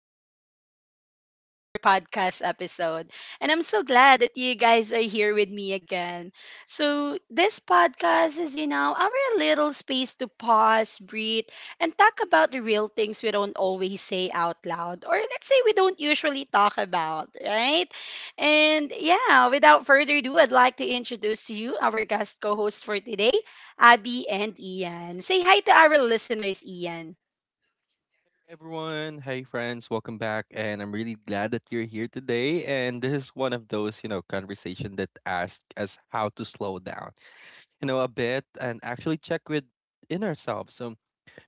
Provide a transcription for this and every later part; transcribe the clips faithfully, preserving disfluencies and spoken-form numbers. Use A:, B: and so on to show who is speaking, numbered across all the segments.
A: and welcome back to another podcast episode. And I'm so glad that you guys are here with me again. So, this podcast is, you know, our little space to pause, breathe, and talk about the real things we don't always say out loud, or let's say we don't usually talk about, right? And yeah, without further ado, I'd like to introduce to you our guest co host for today. Abby and Ian. Say hi to our listeners, Ian.
B: Everyone. Hey, friends. Welcome back. And I'm really glad that you're here today. And this is one of those, you know, conversation that asks us how to slow down, you know, a bit and actually check within ourselves. So,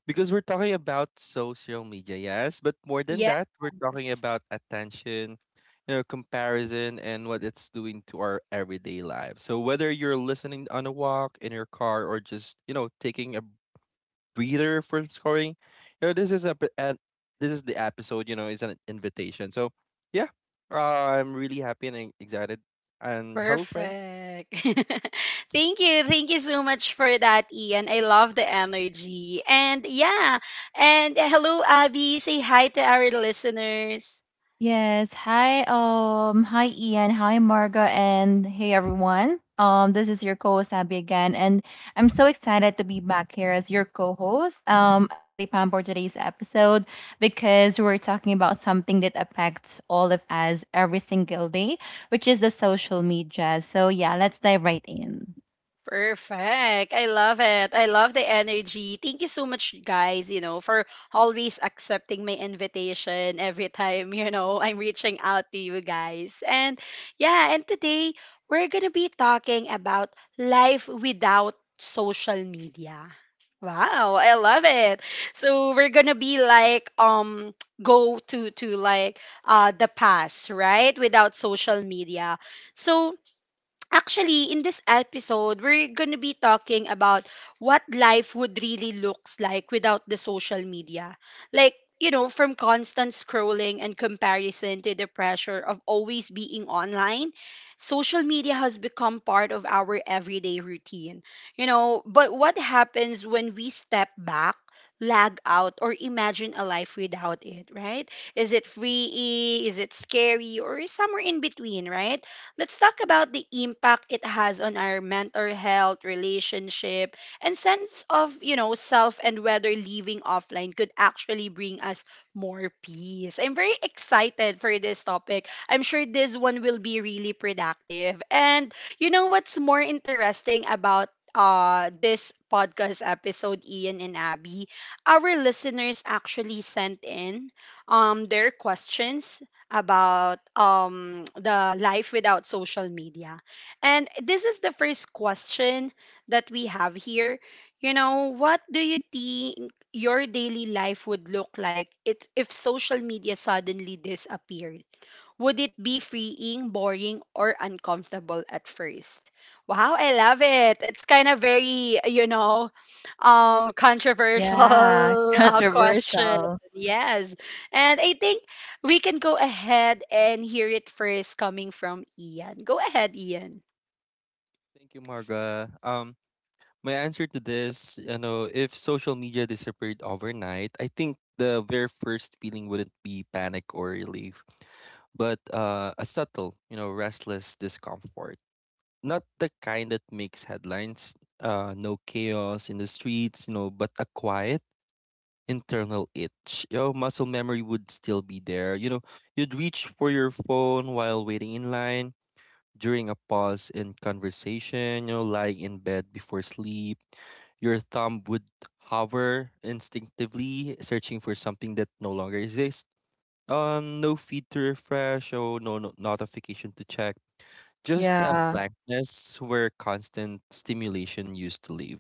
B: Because we're talking about social media, yes, but more than
A: Yes.
B: that, we're talking about attention, you know, comparison and what it's doing to our everyday lives. So, whether you're listening on a walk, in your car, or just, you know, taking a breather for scoring. You know, this is a p- and This is the episode. You know, is an invitation. So yeah, uh, I'm really happy and e- excited. And hello, friends.
A: Perfect. Thank you. Thank you so much for that, Ian. I love the energy. And yeah. And hello, Abby. Say hi to our listeners.
C: Yes. Hi, um, hi Ian, hi Marga, and hey everyone. Um, this is your co-host Abby again, and I'm so excited to be back here as your co-host. Um, I'm really pumped for today's episode because we're talking about something that affects all of us every single day, which is the social media. So yeah, let's dive right in.
A: Perfect. I love it. I love the energy. Thank you so much, guys, you know, for always accepting my invitation every time, you know, I'm reaching out to you guys. And yeah, and today we're going to be talking about life without social media. Wow, I love it. So we're going to be like um go to to like uh the past, right? Without social media. So actually, in this episode, we're going to be talking about what life would really looks like without the social media. Like, you know, from constant scrolling and comparison to the pressure of always being online, social media has become part of our everyday routine. You know, but what happens when we step back, lag out, or imagine a life without it, right? Is it free? Is it scary? Or somewhere in between, right? Let's talk about the impact it has on our mental health, relationship, and sense of, you know, self and whether leaving offline could actually bring us more peace. I'm very excited for this topic. I'm sure this one will be really productive. And you know what's more interesting about uh this podcast episode, Ian and Abby, our listeners actually sent in um their questions about um, the life without social media. And this is the first question that we have here. You know, what do you think your daily life would look like it, if social media suddenly disappeared? Would it be freeing, boring, or uncomfortable at first? Wow, I love it. It's kind of very, you know, um, controversial
C: Yeah,
A: uh, question.
C: controversial.
A: Yes. And I think we can go ahead and hear it first coming from Ian. Go ahead, Ian.
B: Thank you, Marga. Um, my answer to this, you know, if social media disappeared overnight, I think the very first feeling wouldn't be panic or relief, but uh, a subtle, you know, restless discomfort. Not the kind that makes headlines. Uh, no chaos in the streets, you know, but a quiet internal itch. Your muscle memory would still be there. You know, you'd reach for your phone while waiting in line, during a pause in conversation, you know, lying in bed before sleep. Your thumb would hover instinctively, searching for something that no longer exists. Um, no feed to refresh, or no, no notification to check. Just a
C: Yeah.
B: blankness where constant stimulation used to live.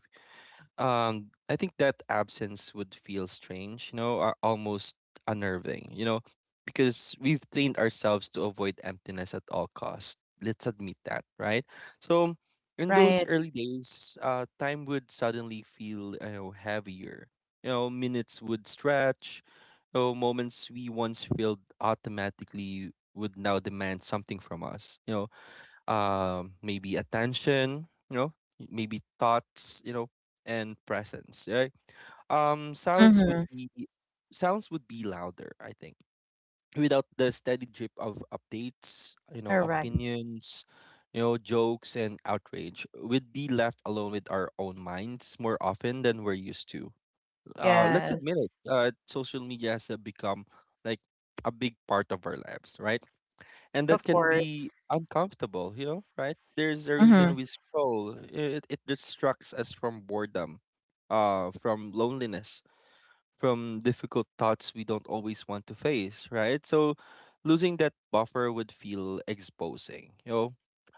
B: Um, I think that absence would feel strange, you know, uh, almost unnerving, you know, because we've trained ourselves to avoid emptiness at all costs. Let's admit that, right? So, in those
C: Right.
B: early days, uh, time would suddenly feel, you know, heavier. You know, minutes would stretch. You know, moments we once filled automatically would now demand something from us. You know, um, maybe attention, you know, maybe thoughts, you know, and presence, right? Um, sounds would
C: Mm-hmm.
B: be Sounds would be louder, I think, without the steady drip of updates, you know,
C: Correct.
B: opinions, you know, jokes and outrage. We'd be left alone with our own minds more often than we're used to. Uh, let's
C: Yes,
B: admit it. Uh, social media has uh, become like a big part of our lives, right? And
C: of
B: that can
C: course.
B: be uncomfortable, you know, right? There's a
C: Mm-hmm.
B: reason we scroll. It it distracts us from boredom, uh, from loneliness, from difficult thoughts we don't always want to face, right? So losing that buffer would feel exposing, you know.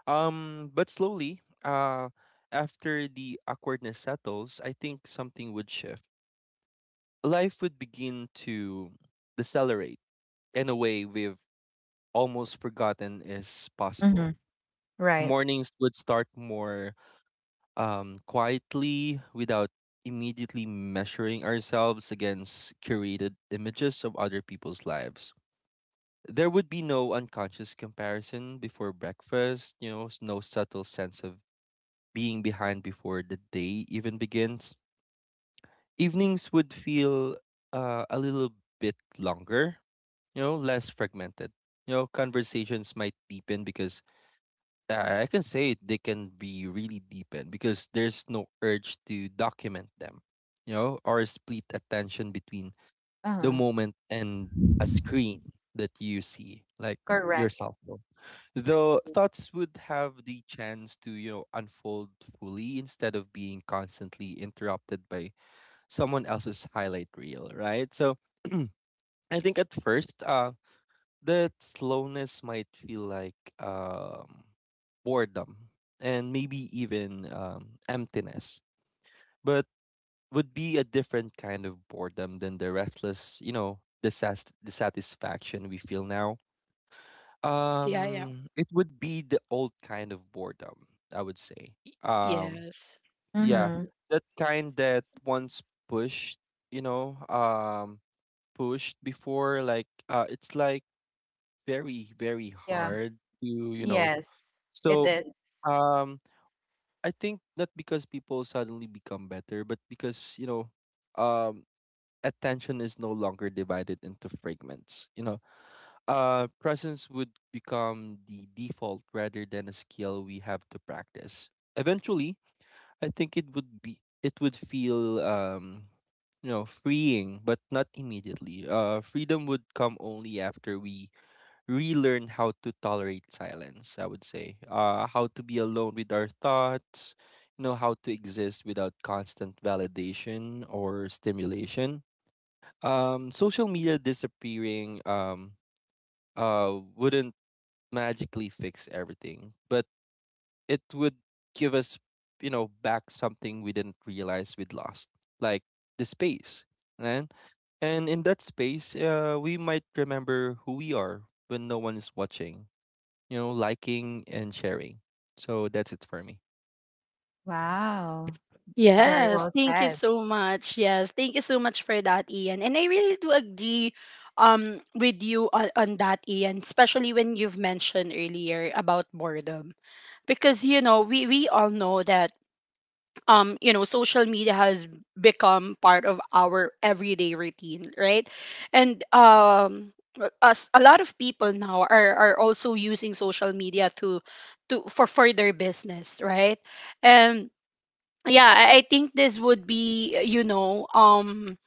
B: Um, but slowly, uh, after the awkwardness settles, I think something would shift. Life would begin to decelerate in a way we've almost forgotten is possible.
C: Right.
B: Mornings would start more um, quietly without immediately measuring ourselves against curated images of other people's lives. There would be no unconscious comparison before breakfast, you know, s- no subtle sense of being behind before the day even begins. Evenings would feel uh, a little bit longer, you know, less fragmented. You know, conversations might deepen because I I can say it, they can be really deepened because there's no urge to document them, you know, or split attention between the
C: Uh-huh.
B: moment and a screen that you see, like your
C: Correct.
B: cell phone. Though thoughts would have the chance to, you know, unfold fully instead of being constantly interrupted by someone else's highlight reel, right? So I think at first, uh, that slowness might feel like um, boredom and maybe even um, emptiness, but would be a different kind of boredom than the restless, you know, disas- dissatisfaction we feel now.
A: Yeah, yeah.
B: Um, it would be the old kind of boredom, I would say. Um,
A: Yes.
B: yeah,
C: Mm-hmm.
B: that kind that once pushed, you know, um, pushed before, like uh, it's like very very
C: Yeah.
B: hard to you know.
C: Yes, it
B: So
C: is.
B: um I think not because people suddenly become better, but because you know um attention is no longer divided into fragments, you know. Uh presence would become the default rather than a skill we have to practice eventually. I think it would be, it would feel um you know freeing but not immediately. Uh freedom would come only after we relearn how to tolerate silence, I would say. Uh, how to be alone with our thoughts, you know, how to exist without constant validation or stimulation. Um, social media disappearing um, uh, wouldn't magically fix everything, but it would give us, you know, back something we didn't realize we'd lost, like the space. And and in that space, uh, we might remember who we are when no one is watching, you know, liking and sharing. So that's it for me.
C: Wow. Very well
A: Yes. Thank you
C: said.
A: so much. Yes. Thank you so much for that, Ian. And I really do agree um with you on, on that, Ian, especially when you've mentioned earlier about boredom. Because you know, we we all know that um you know social media has become part of our everyday routine, right? And um us a lot of people now are are also using social media to to for for their business, right? And yeah, i I think this would be, you know, um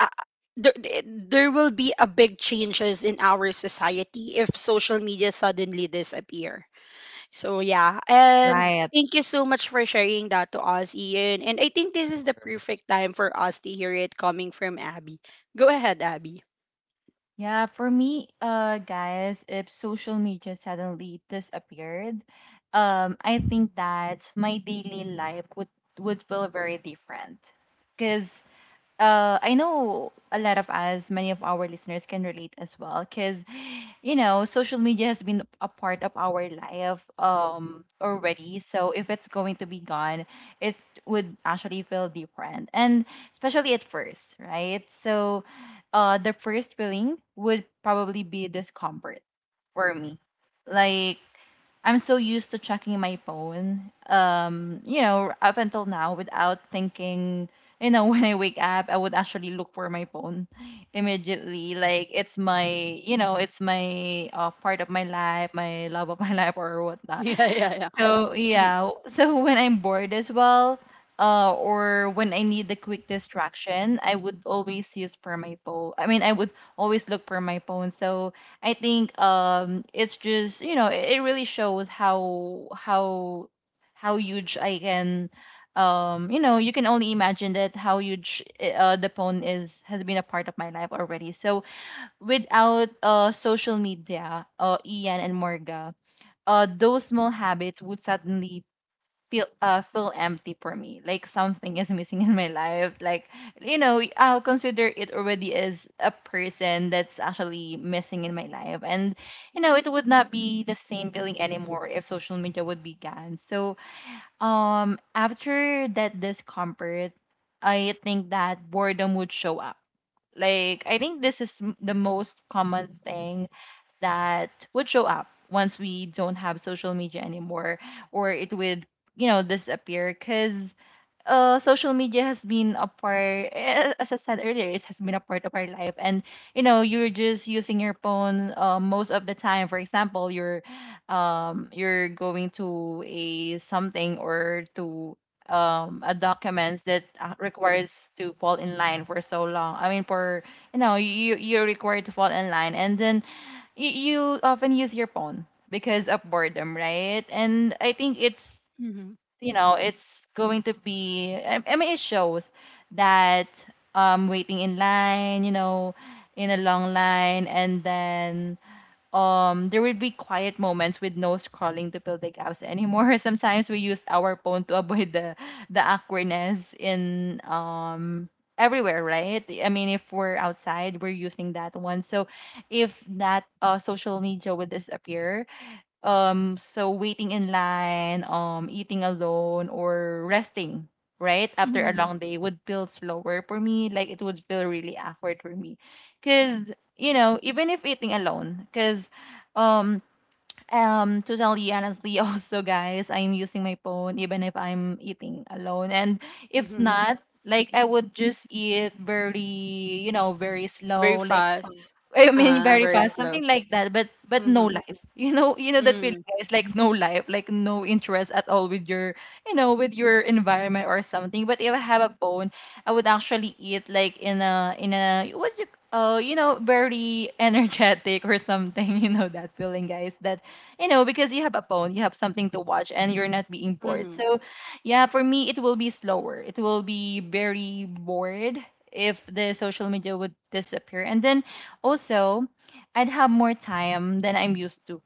A: a- there, there will be a big changes in our society if social media suddenly disappear. So yeah, and
C: Right.
A: thank you so much for sharing that to us, Ian. And I think this is the
B: Course.
A: perfect time for us to hear it coming from Abby. Go ahead, Abby.
C: Yeah, for me, uh guys, if social media suddenly disappeared, um I think that my daily life would would feel very different, because uh, I know a lot of us, many of our listeners can relate as well, because you know, social media has been a part of our life um already. So if it's going to be gone, it would actually feel different, and especially at first, right? So, uh, the first feeling would probably be discomfort for me, like I'm so used to checking my phone, um, you know, up until now without thinking, you know, when I wake up, I would actually look for my phone immediately. Like it's my, you know, it's my uh, part of my life, my love of my life or whatnot.
A: Yeah, yeah, yeah.
C: So
A: Mm-hmm.
C: yeah, so when I'm bored as well, uh, or when I need a quick distraction, I would always use for my phone. I mean, I would always look for my phone. So I think um, it's just you know it, it really shows how how how huge I can um you know, you can only imagine that how huge uh, the phone is has been a part of my life already, so without uh social media uh ian and morga, uh, those small habits would suddenly feel uh, feel empty for me. Like something is missing in my life. Like you know, I'll consider it already as a person that's actually missing in my life. And you know, it would not be the same feeling anymore if social media would be gone. So um, after that discomfort, I think that boredom would show up. Like I think this is m- the most common thing that would show up once we don't have social media anymore, or it would you know disappear because uh, social media has been a part eh, as I said earlier, it has been a part of our life, and you know you're just using your phone uh, most of the time. For example, you're um you're going to a something, or to um a documents that uh, requires to fall in line for so long. I mean, for you know you you're required to fall in line, and then you, you often use your phone because of boredom, right? And I think it's, you know, it's going to be, I, I mean, it shows that um, waiting in line, you know, in a long line, and then um there would be quiet moments with no scrolling to fill the gaps anymore. Sometimes we used our phone to avoid the the awkwardness in um everywhere, right? I mean, if we're outside, we're using that one. So if that uh, social media would disappear, um so waiting in line, um eating alone, or resting right after a
A: Mm-hmm.
C: long day would feel slower for me. Like it would feel really awkward for me because you know, even if eating alone, because um um, totally honestly, also guys, I'm using my phone even if I'm eating alone. And if
A: Mm-hmm.
C: not, like I would just eat very, you know, very slow,
A: Very
C: like
A: fast.
C: I mean
A: Uh,
C: very
A: very
C: fast,
A: slow.
C: something like that, but but
A: Mm-hmm.
C: no life. You know, you know that
A: Mm-hmm.
C: feeling guys, like no life, like no interest at all with your you know, with your environment or something. But if I have a phone, I would actually eat like in a in a what you uh you know, very energetic or something, you know that feeling guys. That you know, because you have a phone, you have something to watch, and you're not being bored.
A: Mm-hmm.
C: So, yeah, for me, it will be slower. It will be very bored if the social media would disappear. And then also, I'd have more time than I'm used to,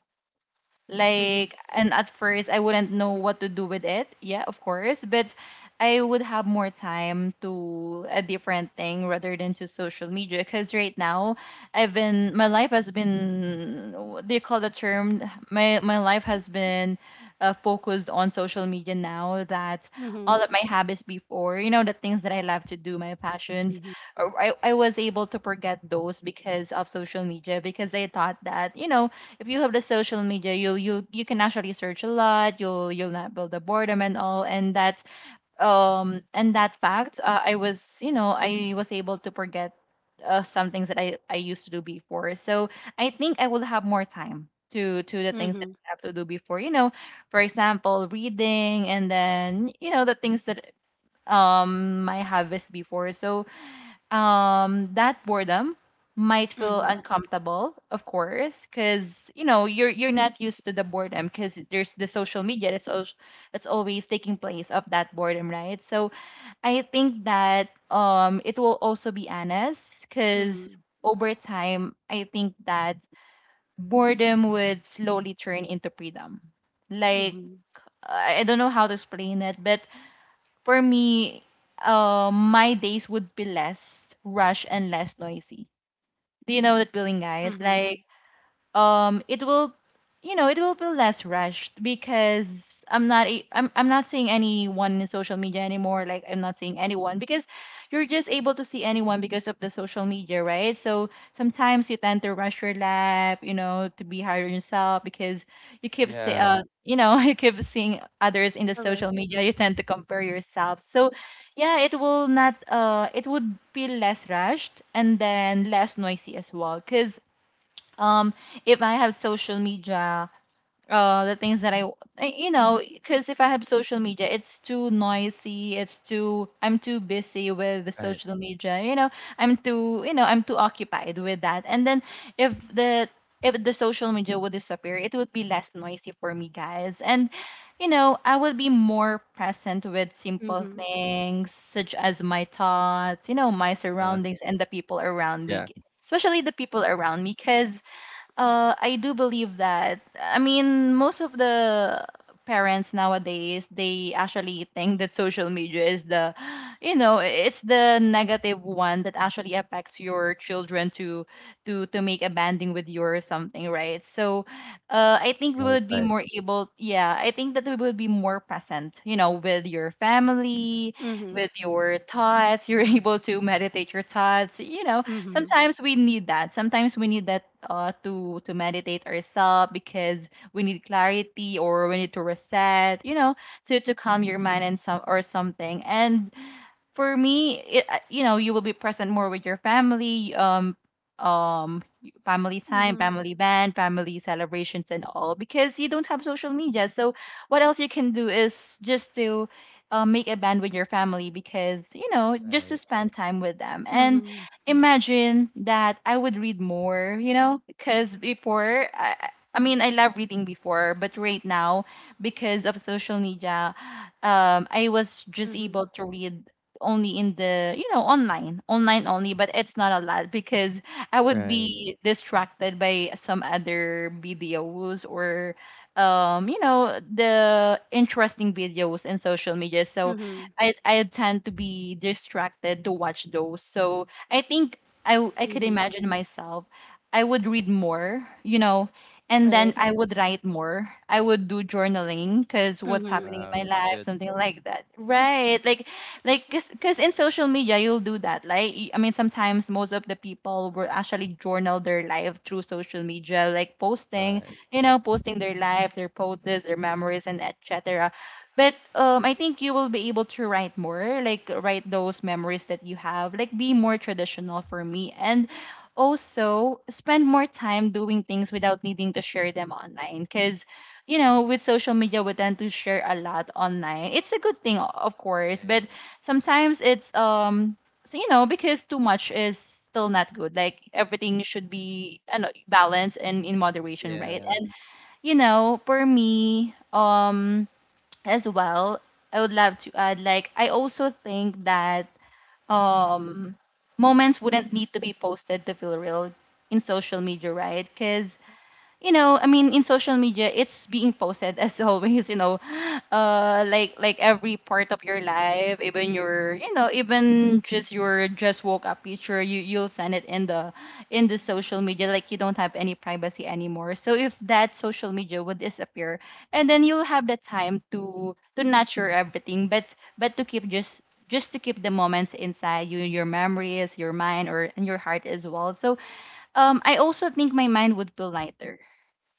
A: Mm-hmm.
C: like, and at first I wouldn't know what to do with it. Yeah, of course. But I would have more time to a different thing rather than to social media. Because right now, I've been, my life has been, what do you call the term? My, my life has been uh, focused on social media now that
A: Mm-hmm.
C: all of my habits before, you know, the things that I love to do, my passions,
A: Mm-hmm.
C: or I, I was able to forget those because of social media, because I thought that, you know, if you have the social media, you you you can actually search a lot. You'll you'll not build the boredom and all. And that um and that fact, uh, I was you know I was able to forget uh, some things that I I used to do before. So I think I will have more time to to the things that
A: Mm-hmm.
C: I have to do before. You know, for example, reading, and then you know the things that um my habits before. So um that boredom might feel uncomfortable, of course, because you know you're you're not used to the boredom because there's the social media that's al- that's always taking place of that boredom, right? So I think that um it will also be honest because
A: Mm-hmm.
C: over time I think that boredom would slowly turn into freedom, like
A: Mm-hmm.
C: i I don't know how to explain it, but for me, uh, my days would be less rush and less noisy. Do you know that feeling, guys? Like,
A: Mm-hmm.
C: um it will you know it will feel less rushed because i'm not a- I'm, I'm not seeing anyone in social media anymore, like I'm not seeing anyone because you're just able to see anyone because of the social media, right? So sometimes you tend to rush your lap, you know, to be hard on yourself because you keep see,
B: Yeah.
C: uh, you know, you keep seeing others in the
A: Correct.
C: social media, you tend to compare yourself. So yeah, it will not uh it would feel less rushed, and then less noisy as well because um if I have social media uh the things that I I- you know, because if I have social media it's too noisy, it's too I'm too busy with the
B: Right.
C: social media, you know, I'm too you know I'm too occupied with that. And then if the if the social media would disappear, it would be less noisy for me, guys, and you know I would be more present with simple
A: Mm-hmm.
C: things such as my thoughts, you know, my
B: Uh,
C: surroundings, and the people around
B: yeah.
C: me, especially the people around me, because uh, I do believe that. I mean, most of the parents nowadays, they actually think that social media is the, you know, it's the negative one that actually affects your children to to to make a banding with you or something, right? So, uh, I think we
B: Right.
C: would be
B: Right.
C: more able, yeah, I think that we would be more present, you know, with your family,
A: Mm-hmm.
C: with your thoughts. You're able to meditate your thoughts, you know,
A: Mm-hmm.
C: sometimes we need that. Sometimes we need that uh, to to meditate ourselves because we need clarity, or we need to reset. You know, to to calm your mind and some or something. And for me, it, uh, you know, you will be present more with your family, um, um, family time,
A: Mm-hmm.
C: family band, family celebrations, and all, because you don't have social media. So what else you can do is just to uh, make a band with your family, because you know, just
B: Right.
C: to spend time with them. And
A: Mm-hmm.
C: imagine that I would read more, you know, because before I. I I mean, I love reading before, but right now, because of social media, um, I was just
A: Mm-hmm.
C: able to read only in the you know online online only, but it's not a lot because I would
B: Right.
C: be distracted by some other videos or um you know the interesting videos in social media. So
A: Mm-hmm.
C: i i tend to be distracted to watch those, so I think i w- I could
A: Mm-hmm.
C: imagine myself I would read more, you know. And then
A: Right.
C: I would write more, I would do journaling because what's
A: Mm-hmm.
C: happening
B: Wow.
C: in my
B: That's
C: life,
B: good.
C: something like that, right? Like like because in social media you'll do that, like y- I mean, sometimes most of the people will actually journal their life through social media, like posting,
B: Right.
C: you know, posting their life, their photos, their memories, and etc. But um I think you will be able to write more, like write those memories that you have, like be more traditional for me. And also spend more time doing things without needing to share them online, because you know, with social media we tend to share a lot online. It's a good thing, o- of course,
B: Right.
C: but sometimes it's um so you know, because too much is still not good. Like everything should be, you know, balanced and in moderation, right?
B: Yeah.
C: And you know, for me, um as well, I would love to add, like, I also think that um moments wouldn't need to be posted to feel real in social media, right? Cuz you know, I mean, in social media, it's being posted as always, you know, uh, like like every part of your life, even your, you know, even just your just woke up picture, you you'll send it in the in the social media, like you don't have any privacy anymore. So if that social media would disappear, and then you'll have the time to to nurture everything, but but to keep just just to keep the moments inside you, your memories, your mind, or and your heart as well. So um, I also think my mind would feel lighter,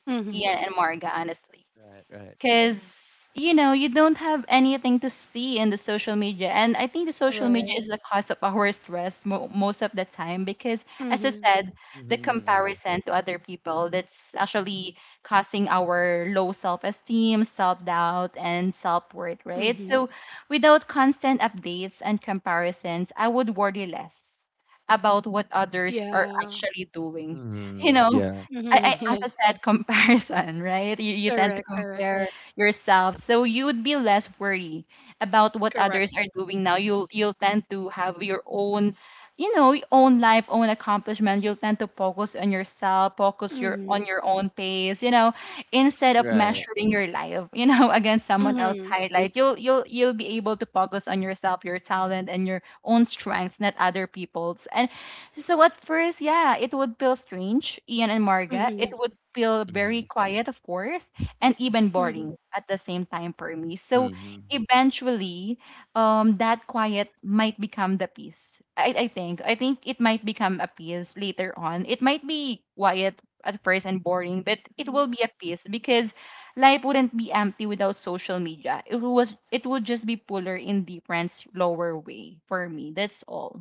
A: Mm-hmm.
C: Ian and Marga, honestly,
B: Right. Right.
C: because you know, you don't have anything to see in the social media. And I think the social media
A: Right.
C: is the cause of our stress mo- most of the time, because as I
A: Mm-hmm.
C: said, the
B: Mm-hmm. Mm-hmm.
C: comparison to other people, that's actually causing our low self-esteem, self-doubt, and self-worth, right?
A: Mm-hmm.
C: So without constant updates and comparisons, I would worry less about what others are
A: Yeah.
C: actually doing,
B: Mm-hmm.
C: you know.
B: Yeah.
A: Mm-hmm.
C: I, I
A: Yeah.
C: as I said, comparison, right? You, you tend to
A: Correct. Correct.
C: compare yourself. So you would be less worried about what
A: Correct.
C: others are doing now. You'll you'll tend to have your own, you know, own life, own accomplishment. You'll tend to focus on yourself, focus your
A: Mm-hmm.
C: on your own pace, you know, instead of
B: Right.
C: measuring your life, you know, against someone else's
A: Mm-hmm.
C: highlight. You'll you'll you'll be able to focus on yourself, your talent, and your own strengths, not other people's. And so at first, yeah, it would feel strange, Ian and Marga. It
A: Mm-hmm.
C: would feel very
B: Mm-hmm.
C: quiet, of course, and even
A: Mm-hmm.
C: boring at the same time for me. So
B: Mm-hmm.
C: eventually, um, that quiet might become the peace. I, I think. I think it might become a peace later on. It might be quiet at first and boring, but it will be a peace because life wouldn't be empty without social media. It was it would just be fuller in different lower way for me. That's all.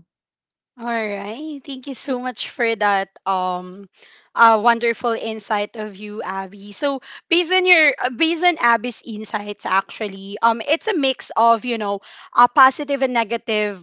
A: All right. Thank you so much for that um uh, wonderful insight of you, Abby. So based on your uh, based on Abby's insights actually, um it's a mix of, you know, a positive and negative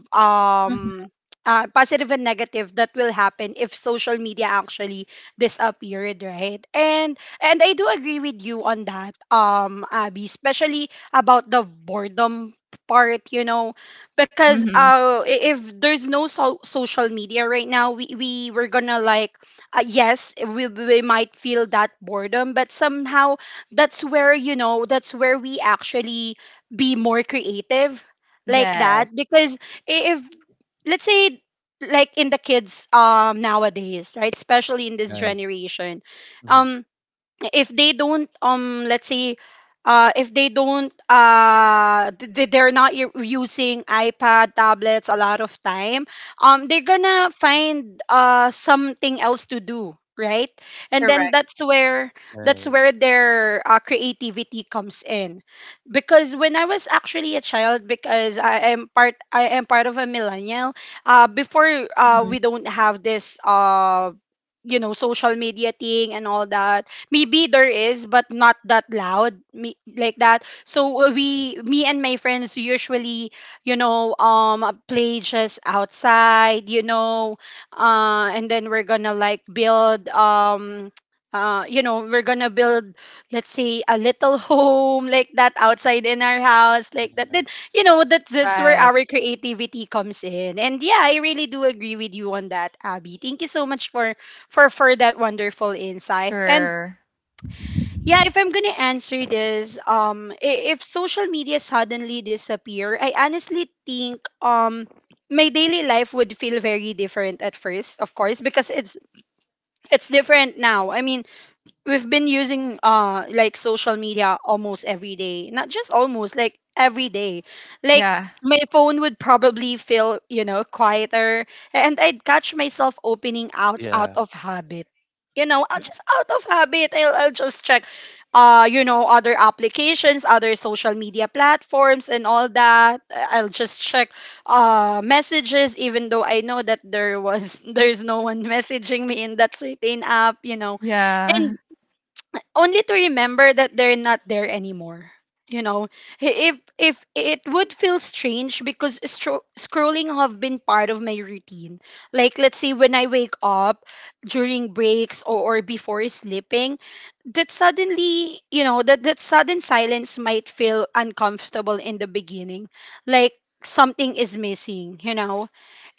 C: Mhm,
A: um uh, positive and negative that will happen if social media actually disappeared, right? and and I do agree with you on that, um Abby, especially about the boredom part, you know, because
C: mhm.
A: uh i- if there's no so- social media right now, we, we were gonna like uh, yes, we, we might feel that boredom, but somehow that's where, you know, that's where we actually be more creative like
C: Yes,
A: that. Because i- if let's say like in the kids, um nowadays, right? Especially in this
B: Right.
A: generation,
B: Mm-hmm.
A: um if they don't um let's say uh if they don't uh th- th- they're not u- using ipad tablets a lot of time, um they're gonna find uh something else to do, right? And then
C: correct.
A: that's where, that's
B: Right.
A: where their uh, creativity comes in. Because when I was actually a child, because i am part I am part of a millennial, uh before uh
C: Mhm.
A: we don't have this uh you know social media thing and all that. Maybe there is, but not that loud me, like that. So uh,
B: Right.
A: we, me and my friends usually, you know, um play just outside, you know, uh and then we're gonna like build um uh, you know, we're gonna build, let's say, a little home like that outside in our house, like that.
B: Yeah.
A: Then, you know, that's, that's where
C: Right.
A: our creativity comes in. And yeah, I really do agree with you on that, Abby. Thank you so much for for for that wonderful insight. And
C: Sure.
A: yeah, if I'm gonna answer this, um, i- if social media suddenly disappear, I honestly think um my daily life would feel very different at first, of course, because it's it's different now. I mean, we've been using uh like social media almost every day, not just almost like every day. Like
C: Yeah.
A: my phone would probably feel, you know, quieter, and I'd catch myself opening out out
B: Yeah.
A: of habit, you know, uh, just out of habit i'll, I'll just check uh you know other applications, other social media platforms and all that. Uh, I'll just check uh messages even though I know that there was there's no one messaging me in that certain app, you know,
C: Yeah.
A: and only to remember that they're not there anymore. You know, Hi- if if it would feel strange, because stro- scrolling have been part of my routine. Like let's say when I wake up during breaks or, or before sleeping, that suddenly, you know, that that sudden silence might feel uncomfortable in the beginning. Like something is missing, you know.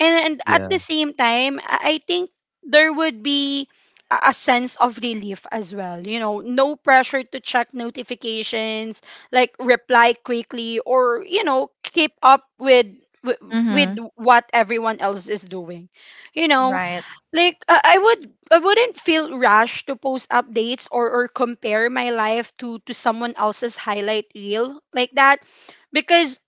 A: And and at the
B: Yeah.
A: same time, I I think there would be a a sense of relief as well. You know, no pressure to check notifications, like reply quickly, or, you know, keep up with. wi- With
C: Mhm.
A: what everyone else is doing, you know,
C: Right.
A: like I I would, I wouldn't feel rushed to post updates or or compare my life to to someone else's highlight reel like that, because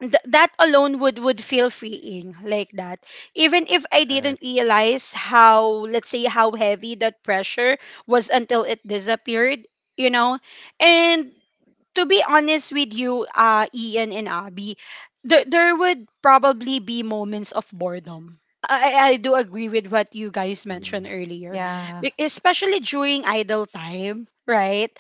A: th- that alone would would feel freeing like that, even if I
B: Right.
A: didn't realize how, let's say how heavy that pressure was until it disappeared, you know. And to be honest with you, uh, Ian and Abby, there there would probably be moments of boredom. I, I do agree with what you guys mentioned
B: Mm-hmm.
A: earlier,
C: Yeah.
A: Be- especially during idle time, right?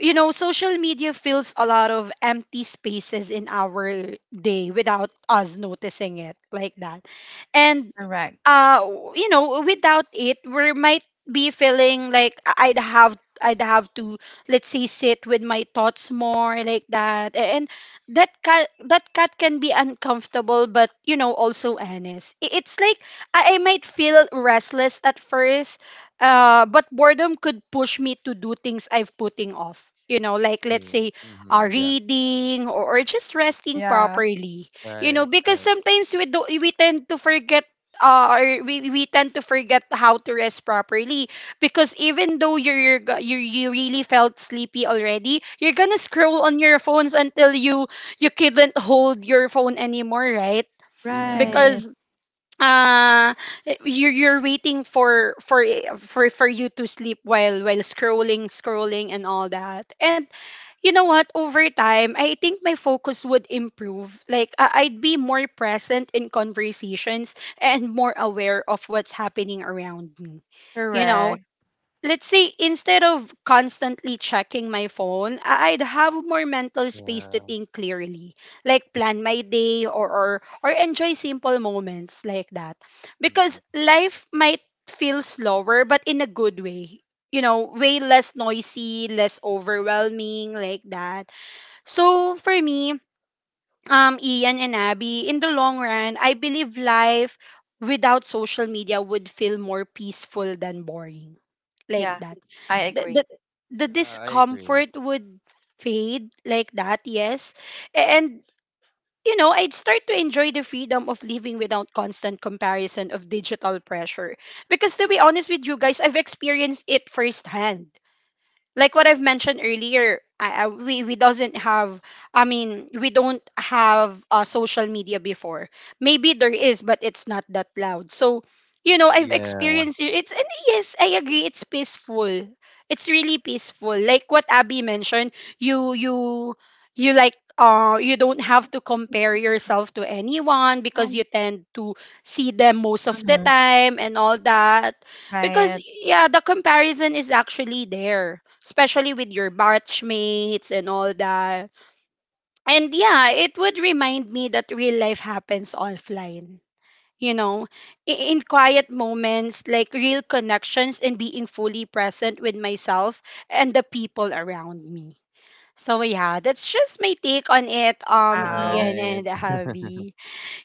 A: You know, social media fills a lot of empty spaces in our day without us noticing it like that. And
C: Correct.
A: uh you know, without it, we might be feeling like I- i'd have I'd have to, let's say, sit with my thoughts more like that. A- and that cat that cat can be uncomfortable, but you know, also honest, I- it's like i, I might feel restless at first, uh, but boredom could push me to do things I've putting off, you know, like let's
B: Yeah.
A: say uh,
B: Mm-hmm. Yeah.
A: reading, or, or just resting
C: Yeah.
A: properly, you know,
B: Right.
A: because
B: Right.
A: sometimes we do, we tend to forget uh, or we, we tend to forget how to rest properly. Because even though you're, you're go- you you really felt sleepy already, you're gonna scroll on your phones until you you couldn't hold your phone anymore, right?
B: Yeah.
C: Right.
A: Because uh you're you're waiting for for for for you to sleep while while scrolling scrolling and all that. And you know what, over time I think my focus would improve. Like I- I'd be more present in conversations and more aware of what's happening around me, you know.
C: Correct.
A: Let's say, instead of constantly checking my phone, I- I'd have more mental space to
B: Yeah.
A: think clearly, like plan my day, or or, or enjoy simple moments like that. Because
B: Mm-hmm.
A: life might feel slower but in a good way. You know, way less noisy, less overwhelming like that. So for me, um, Ian and Abby, in the long run, I believe life without social media would feel more peaceful than boring. Like
C: Yeah.
A: that.
C: I
A: The,
C: agree.
A: the, the
B: Yeah. I agree.
A: discomfort would fade like that, yes. And, you know, I'd start to enjoy the freedom of living without constant comparison of digital pressure. Because to be honest with you guys, I've experienced it firsthand. Like what I've mentioned earlier, I, I, we we doesn't have. I mean, we don't have uh, social media before. Maybe there is, but it's not that loud. So, you know, I've
B: Yeah.
A: experienced it. It's and yes, I agree. It's peaceful. It's really peaceful. Like what Abby mentioned, you you you like uh you don't have to compare yourself to anyone because you tend to see them most of the
C: Mhm.
A: time and all that because
C: Right.
A: yeah, the comparison is actually there, especially with your batchmates and all that. And yeah, it would remind me that real life happens offline. You know, i- in quiet moments, like real connections and being fully present with myself and the people around me. So yeah, that's just my take on it,
B: All
A: um,
C: Wow.
A: Ian
B: right.
A: and Javi.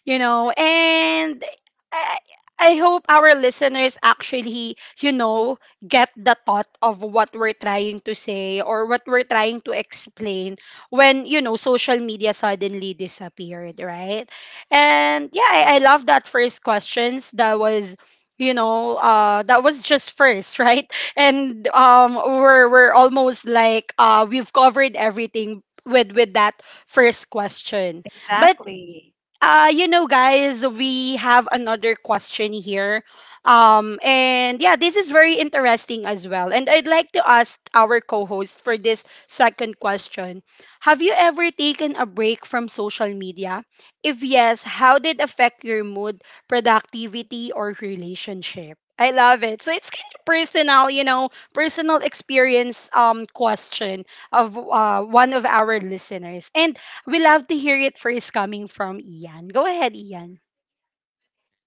A: You know and i i hope our listeners actually you know get the thought of what we're trying to say or what we're trying to explain when you know social media suddenly disappeared, right? And yeah i, I love that first questions that was you know uh that was just first right. And um we're we're almost like uh we've covered everything with with that first question. But
C: Exactly.
A: uh you know guys, we have another question here. Um and yeah, this is very interesting as well, and I'd like to ask our co-host for this second question: have you ever taken a break from social media? If yes, how did it affect your mood, productivity, or relationship? I love it. So it's kind of personal, you know, personal experience um question of uh, one of our listeners. And we love to hear it first coming from Ian. Go ahead, Ian.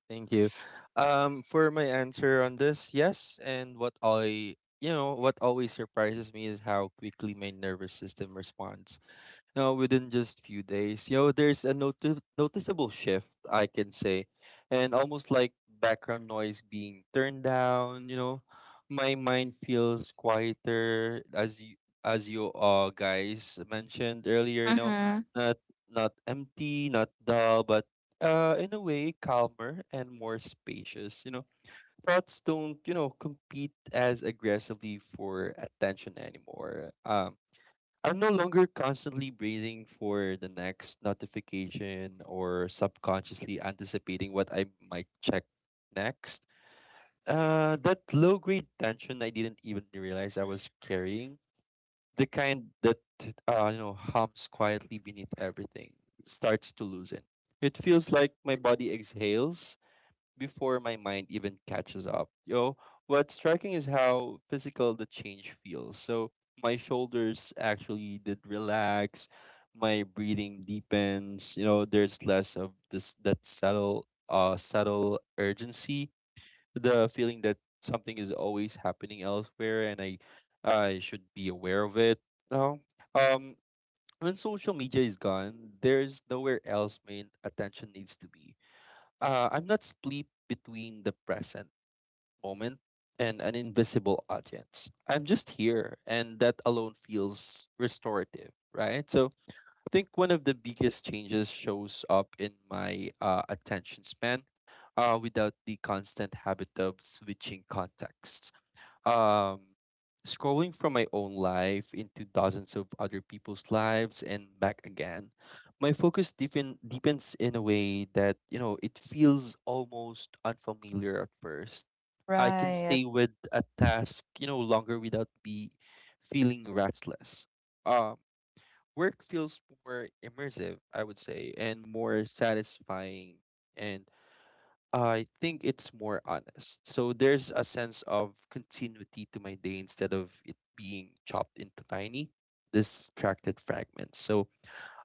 B: Thank you. Um, for my answer on this, yes, and what I, you know, what always surprises me is how quickly my nervous system responds. Now, within just few days, you know, there's a noti- noticeable shift, I can say, and almost like background noise being turned down. You know, my mind feels quieter, as you as you uh guys mentioned earlier. You know,
C: Mhm.
B: not not empty, not dull, but uh in a way calmer and more spacious. You know, thoughts don't you know compete as aggressively for attention anymore. Um I'm no longer constantly breathing for the next notification or subconsciously anticipating what I might check next. Uh, that low grade tension I didn't even realize I was carrying, the kind that uh, you know hums quietly beneath everything, starts to loosen. It feels like my body exhales before my mind even catches up. Yo, what's striking is how physical the change feels. So my shoulders actually did relax, my breathing deepens, you know, there's less of this that subtle uh subtle urgency, the feeling that something is always happening elsewhere and I I should be aware of it. No. Um when social media is gone, there's nowhere else my attention needs to be. uh, I'm not split between the present moment and an invisible audience. I'm just here, and that alone feels restorative, right? So I think one of the biggest changes shows up in my uh, attention span, uh, without the constant habit of switching contexts, um scrolling from my own life into dozens of other people's lives and back again. My focus deepen, deepens in a way that you know it feels almost unfamiliar at first. I can
C: Right.
B: stay with a task, you know, longer without be feeling restless. um Work feels more immersive, I would say, and more satisfying, and I think it's more honest. So there's a sense of continuity to my day instead of it being chopped into tiny, distracted fragments. So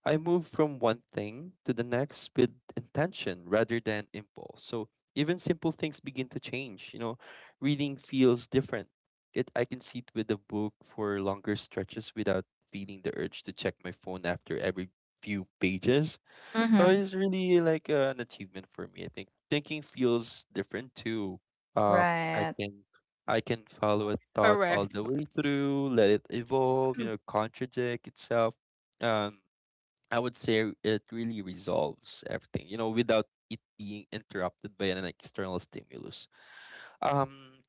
B: I move from one thing to the next with intention rather than impulse. So even simple things begin to change. You know, reading feels different. It I can sit with a book for longer stretches without feeling the urge to check my phone after every few pages. Oh,
C: Mhm.
B: it's really like uh, an achievement for me. I think thinking feels different too. Um, I
C: Right.
B: can I can follow a thought all
A: Correct.
B: the way through, let it evolve, you
A: Mm.
B: know, contradict itself. Um, I would say it really resolves everything, you know, without it being interrupted by an external stimulus. Um,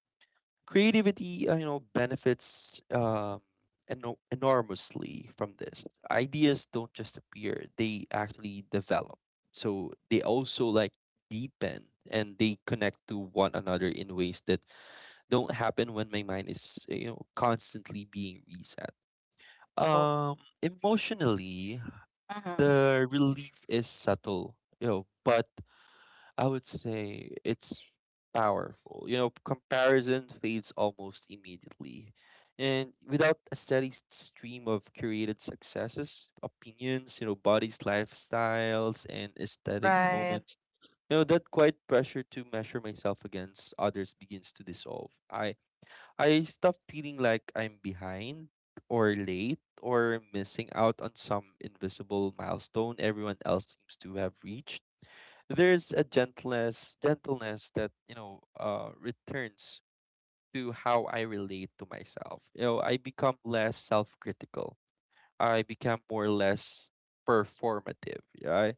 B: Creativity, uh, you know, benefits um, eno- enormously from this. Ideas don't just appear; they actually develop. So they also like deepen and they connect to one another in ways that don't happen when my mind is you know constantly being reset.
C: Oh.
B: Um, Emotionally,
C: Mhm.
B: the relief is subtle, you know, but I would say it's powerful. You know, comparison fades almost immediately. And without a steady s- stream of curated successes, opinions, you know, bodies, lifestyles, and aesthetic
C: Right.
B: moments, you know, that quiet pressure to measure myself against others begins to dissolve. I I stop feeling like I'm behind or late or missing out on some invisible milestone everyone else seems to have reached. There's a gentleness, gentleness that you know, uh, returns to how I relate to myself. You know, I become less self-critical. I become more or less performative. Yeah,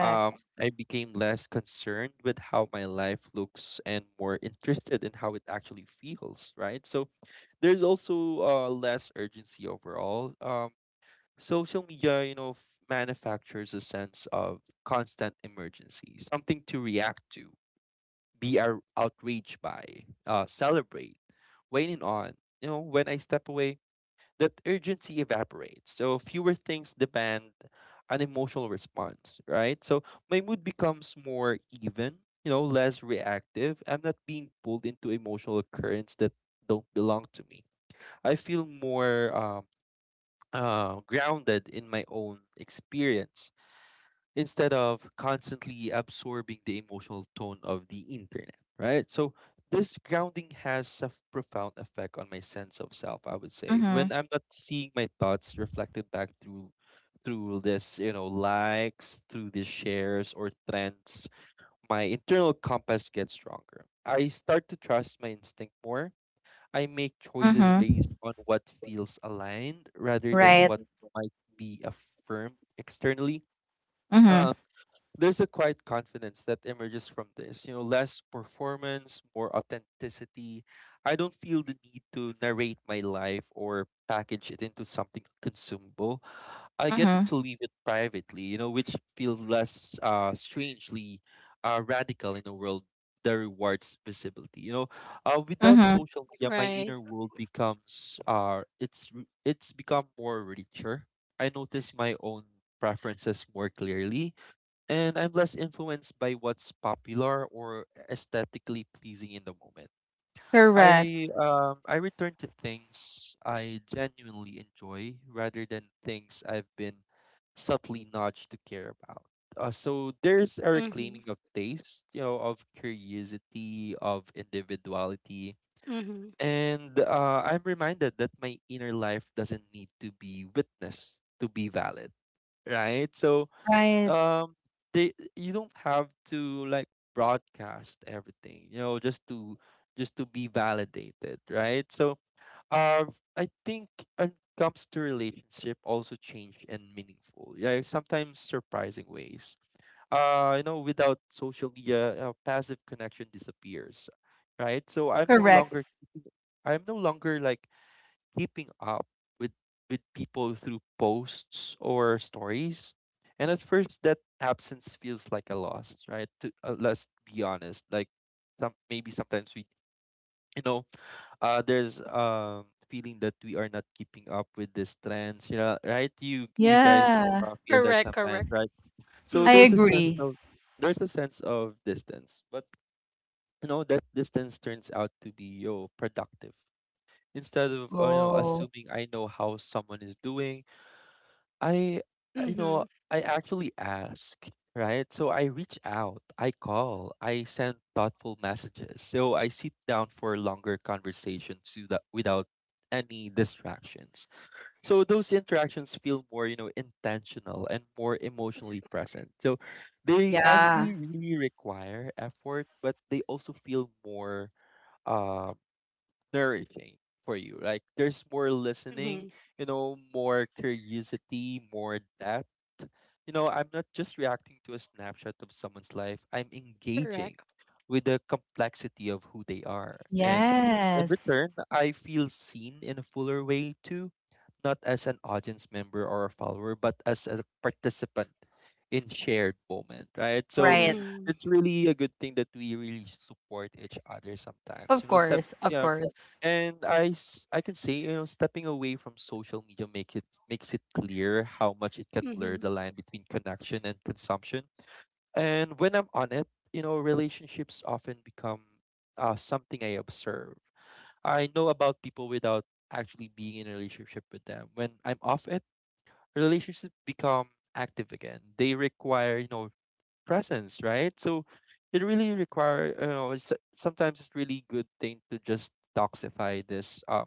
B: I, um, I became less concerned with how my life looks and more interested in how it actually feels. Right, so there's also uh, less urgency overall. Um, Social media, you know, f- manufactures a sense of constant emergency, something to react to, be ar- outraged by, uh, celebrate, waiting on. You know, when I step away, that urgency evaporates. So fewer things demand an emotional response, right? So my mood becomes more even, you know, less reactive. I'm not being pulled into emotional currents that don't belong to me. I feel more um uh, grounded in my own experience instead of constantly absorbing the emotional tone of the internet, right? So, this grounding has a profound effect on my sense of self, I would say.
C: Mhm.
B: When I'm not seeing my thoughts reflected back through through this, you know, likes, through the shares or trends, my internal compass gets stronger. I start to trust my instinct more. I make choices
C: Mhm.
B: based on what feels aligned rather than
C: Right.
B: what might be affirmed externally.
C: Mhm.
B: Um, there's a quiet confidence that emerges from this, you know, less performance, more authenticity. I don't feel the need to narrate my life or package it into something consumable. I get
C: Mhm.
B: to leave it privately, you know, which feels less uh, strangely uh, radical in a world that rewards visibility. You know, uh, without
C: Mhm.
B: social media, my
A: Right.
B: inner world becomes uh, it's r- it's become more richer. I notice my own preferences more clearly, and I'm less influenced by what's popular or aesthetically pleasing in the moment.
C: Correct.
B: I um I return to things I genuinely enjoy rather than things I've been subtly nudged to care about. Uh, so there's a
A: Mm-hmm.
B: reclaiming of taste, you know, of curiosity, of individuality,
A: Mm-hmm.
B: and uh, I'm reminded that my inner life doesn't need to be witnessed to be valid, right? So
C: Right.
B: um they you don't have to like broadcast everything, you know, just to just to be validated, right? So um, I think when it comes to relationship, also change and meaningful, yeah, sometimes surprising ways. Uh you know without social media, uh, passive connection disappears, right? So i'm no
C: Correct.
B: longer I'm no longer like keeping up with with people through posts or stories. And at first that absence feels like a loss, right? To, uh, let's be honest. Like, some maybe sometimes we, you know, uh there's um feeling that we are not keeping up with these trends, you know, right? You you guys
C: Yeah.
B: uh, feel that
A: Correct.
B: sometimes,
A: Correct.
B: right? So
C: I
B: there's a
A: Mhm.
B: sense
C: agree.
B: of there's a sense of distance. But you know that distance turns out to be yo productive. Instead of uh, you know,
C: Oh.
B: assuming I know how someone is doing, I, uh, you know
A: Mhm.
B: I actually ask, right? So I reach out, I call, I send thoughtful messages. So I sit down for longer conversations without without any distractions. So those interactions feel more, you know, intentional and more emotionally present. So they
C: Yeah.
B: actually really require effort, but they also feel more um nourishing for you. Like there's more
A: Mhm.
B: listening, you know, more curiosity, more depth. You know, I'm not just reacting to a snapshot of someone's life. I'm engaging
A: Correct.
B: with the complexity of who they are. And in
C: Yes.
B: return, I feel seen in a fuller way too, not as an audience member or a follower, but as a participant in shared moment, right? So
C: Right.
A: Mm-hmm.
B: it's really a good thing that we really support each other sometimes.
C: Of
B: You know, set,
C: course, of course.
B: and I, s- I can say, you know, stepping away from social media make it makes it clear how much it can blur
A: Mm-hmm.
B: the line between connection and consumption. And when I'm on it, you know, relationships often become uh, something I observe. I know about people without actually being in a relationship with them. When I'm off it, relationships become active again. They require, you know, presence, right? So it really require, you know, it's, sometimes it's really good thing to just detoxify this um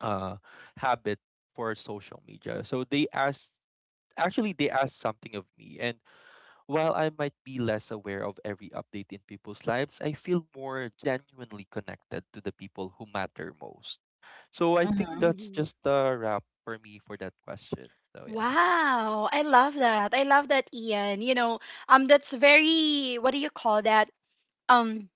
B: uh, habit for social media. So they asked, actually, they asked something of me. And while I might be less aware of every update in people's lives, I feel more genuinely connected to the people who matter most. So I think
C: Mhm.
B: that's
A: Mm-hmm.
B: just a wrap for me for that question. So yeah,
A: Wow, I love that. I love that, Ian. You know, um, that's very, what do you call that? Um,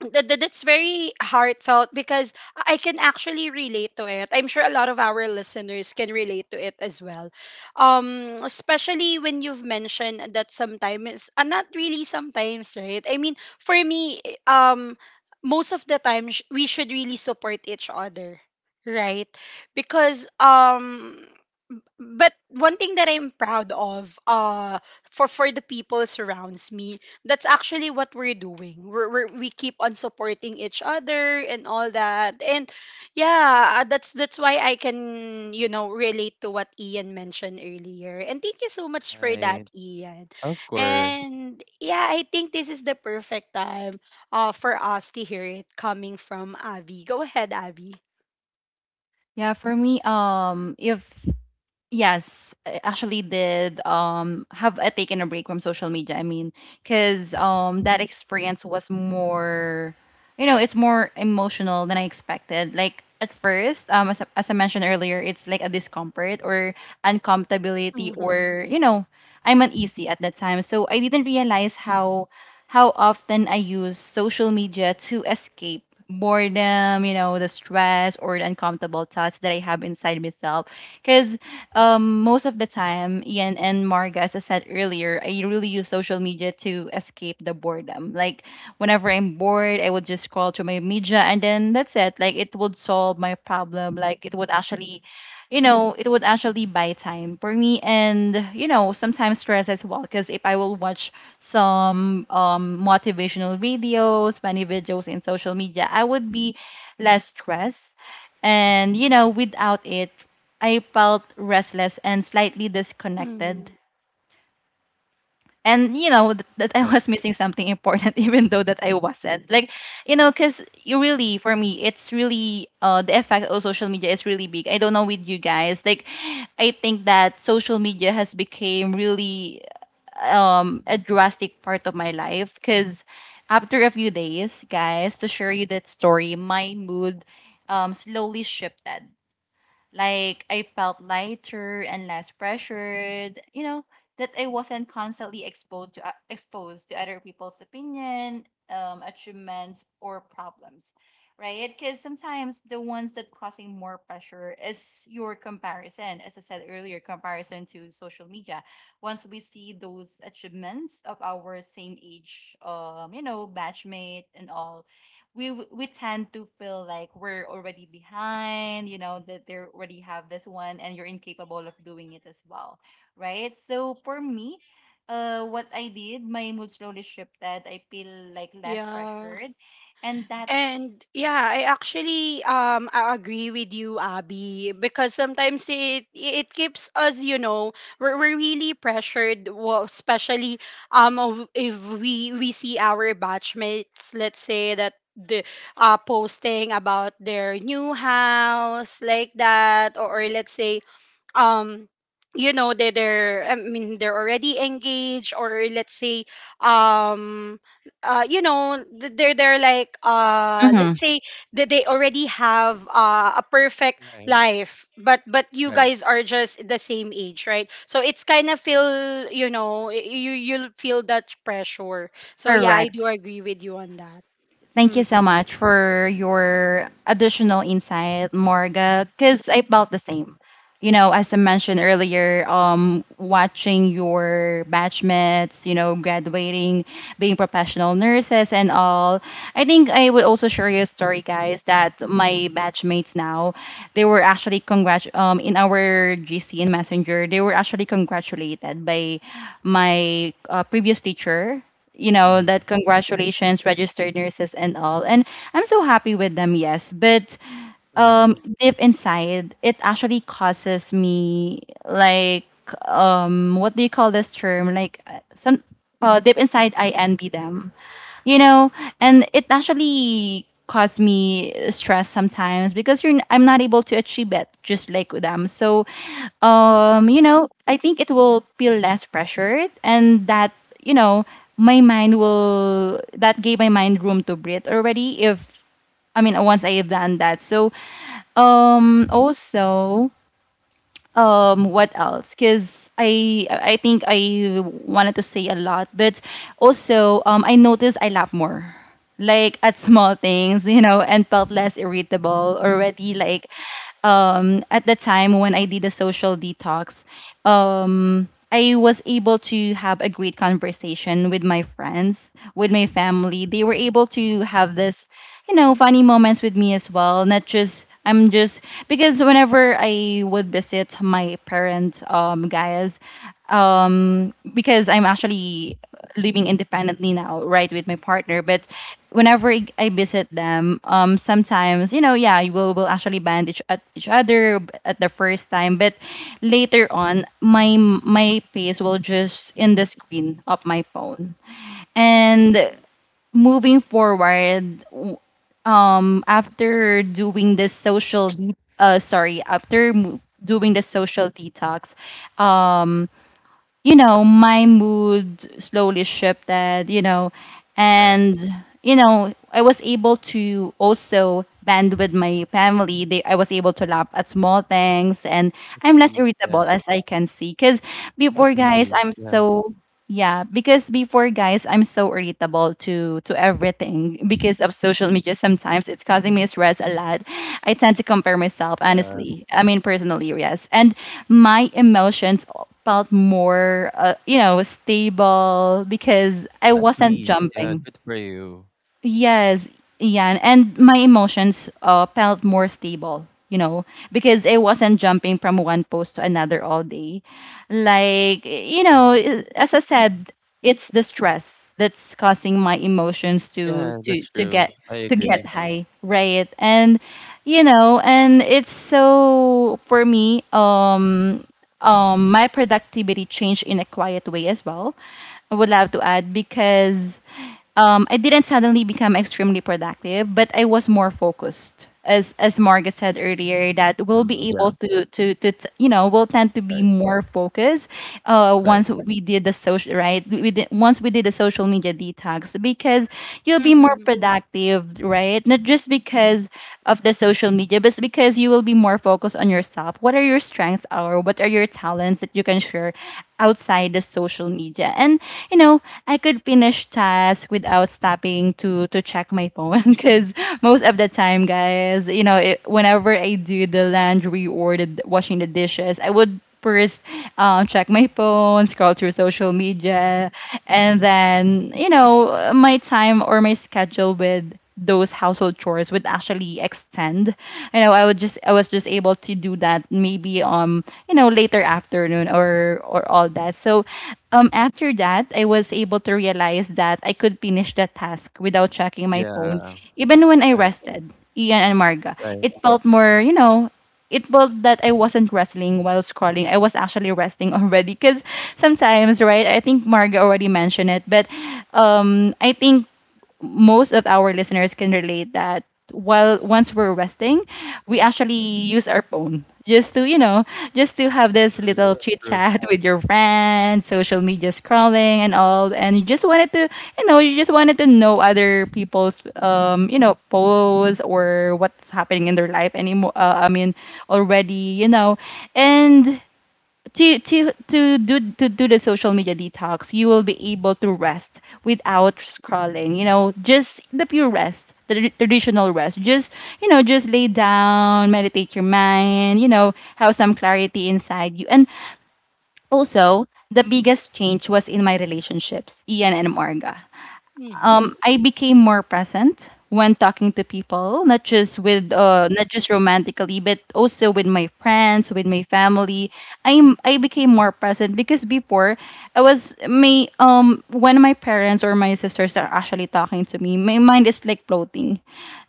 A: that, that- that's very heartfelt because I can actually relate to it. I'm sure a lot of our listeners can relate to it as well. Um, especially when you've mentioned that sometimes, uh, not really sometimes, right? I mean, for me, um, most of the time sh- we should really support each other, right? Because um, but one thing that I'm proud of uh for for the people surrounds me, that's actually what we're doing. We're, we're we keep on supporting each other and all that. And yeah, uh, that's that's why I can you know relate to what Ian mentioned earlier. And thank you so much for that,
B: I,
A: Ian.
B: of course,
A: And yeah, I think this is the perfect time uh for us to hear it coming from Avi. Go ahead, Avi.
C: Yeah, for me, um, if yes, I actually did um have a taken a break from social media. I mean, because um that experience was more, you know, it's more emotional than I expected. Like at first, um, as I, as I mentioned earlier, it's like a discomfort or uncomfortability,
A: Mm-hmm.
C: or you know, I'm uneasy at that time. So I didn't realize how how often I use social media to escape boredom, you know, the stress or the uncomfortable thoughts that I have inside myself. Because um, most of the time, Ian and Marga, as I said earlier, I really use social media to escape the boredom. Like whenever I'm bored, I would just scroll through my media, and then that's it. Like it would solve my problem. Like it would actually, you know, it would actually buy time for me, and you know, sometimes stress as well. Because if I will watch some um motivational videos, funny videos in social media, I would be less stressed. And you know without it, I felt restless and slightly disconnected.
A: Hmm.
C: And you know th- that I
B: right,
C: was missing something important, even though that I wasn't. Like, you know, because you really, for me, it's really uh, the effect of social media is really big. I don't know with you guys. Like, I think that social media has become really um, a drastic part of my life. Because after a few days, guys, to share you that story, my mood um, slowly shifted. Like I felt lighter and less pressured, you know, that I wasn't constantly exposed to uh, exposed to other people's opinion, um, achievements or problems, right? Because sometimes the ones that causing more pressure is your comparison, as I said earlier, comparison to social media. Once we see those achievements of our same age, um, you know, batchmate and all, we w- we tend to feel like we're already behind, you know, that they already have this one and you're incapable of doing it as well, right? So for me, uh what I did, my mood slowly shifted, I feel like less
A: Yeah.
C: pressured, and that
A: And yeah, I actually um I agree with you, Abby, because sometimes it it keeps us, you know, we're, we're really pressured, well, especially um of- if we we see our batchmates, let's say that the uh posting about their new house like that, or, or let's say um you know they they're I mean they're already engaged, or let's say, um uh you know, th- they're they're like uh let's
C: Mm-hmm.
A: say that they already have uh, a perfect
B: right,
A: life, but but you
B: right.
A: guys are just the same age, right? So it's kind of feel, you know, y- you, you'll feel that pressure. So yeah, I do
C: Correct.
A: agree with you on that.
C: Thank you so
A: Mhm.
C: much for your additional insight, Morga, because I felt the same. You know, as I mentioned earlier, um, watching your batchmates, you know, graduating, being professional nurses and all. I think I would also share you a story, guys, that my batchmates now, they were actually congrat um in our G C in Messenger, they were actually congratulated by my uh, previous teacher, you know,
B: Mm-hmm,
C: that congratulations, registered nurses and all. And I'm so happy with them, yes, but
B: mm-hmm,
C: um deep inside it actually causes me like um what do you call this term, like uh, some uh, deep inside I envy them, you know. And it actually caused me stress sometimes because you're n- I'm not able to achieve it just like them. So um you know, I think it will feel less pressured, and that, you know, my mind will that gave my mind room to breathe already if I mean once I have done that. So um also, um what else, because i i think I wanted to say a lot, but also um I noticed I laugh more, like at small things, you know, and felt less irritable already, like um at the time when I did the social detox, um I was able to have a great conversation with my friends, with my family. They were able to have this, you know, funny moments with me as well. Not just I'm just because whenever I would visit my parents, um, guys, um, because I'm actually living independently now, right, with my partner. But whenever I I visit them, um, sometimes you know, yeah, we'll will actually band each at each other b- at the first time, but later on, my my face will just in the screen of my phone.
A: Mhm.
C: And moving forward, w- um, after doing this social, de- uh, sorry, after mo- doing the social detox, um you know, my mood slowly shifted, you know.
B: right.
C: And you know, I was able to also band with my family. They, I was able to laugh at small things, and
B: At
C: I'm less
B: least, yeah.
C: irritable as I can see. Because
B: At
C: before, guys,
B: least,
C: I'm
B: yeah,
C: so yeah, because before, guys, I'm so irritable to to everything because of social media. Sometimes it's causing me stress a lot. I tend to compare myself,
B: yeah.
C: honestly. I mean, personally, yes. And my emotions felt more, uh, you know, stable because I
B: At
C: wasn't
B: least, yeah.
C: jumping.
B: Good for you.
C: Yes, yeah, and my emotions uh, felt more stable, you know, because I wasn't jumping from one post to another all day. Like, you know, i- as I said, it's the stress that's causing my emotions to
B: Yeah,
C: to
B: that's
C: to
B: true.
C: get
B: I
C: to
B: agree.
C: get high, right? And you know, and it's so for me, um, um, my productivity changed in a quiet way as well. I would love to add because um, I didn't suddenly become extremely productive, but I was more focused. As as Marga said earlier, that we'll
B: Mm,
C: be
B: yeah,
C: able to to to t- you know, we'll tend to be
B: right,
C: more focused uh,
B: right.
C: once we did the social right we did, once we did the social media detox, because you'll be more
A: Mhm.
C: productive, right? Not just because of the social media, but it's because you will be more focused on yourself. What are your strengths or what are your talents that you can share outside the social media? And you know, I could finish tasks without stopping to to check my phone because most of the time, guys, you know, it, whenever I do the laundry or the washing the dishes, I would first uh, check my phone, scroll through social media, and then, you know, my time or my schedule with those household chores would actually extend. You know, I would just I was just able to do that maybe um, you know, later afternoon or or all that. So um after that I was able to realize that I could finish the task without checking my phone,
B: Yeah,
C: even when I
B: right,
C: rested. Ian and Marga.
B: right.
C: It felt more, you know, it was that I wasn't wrestling while scrolling. I was actually resting already because sometimes, right? I think Marga already mentioned it, but um, I think most of our listeners can relate that while once we're resting, we actually use our phone just to, you know, just to have this little
B: Mm,
C: chit
B: true.
C: chat with your friends, social media scrolling and all. And you just wanted to, you know, you just wanted to know other people's, um, you know, posts or what's happening in their life anymore. Uh, I mean, already, you know. And to to to do to do the social media detox, you will be able to rest without scrolling. You know, just the pure rest, the tra- traditional rest. Just you know, just lay down, meditate your mind. You know, have some clarity inside you. And also, the biggest change was in my relationships, Ian and Marga.
B: Mm,
A: Mhm.
C: um, I became more present when talking to people, not just with uh,
B: mm,
C: not just romantically, but also with my friends, with my family. I'm I became more present because before I was my um when my parents or my sisters are actually talking to me, my mind is like floating,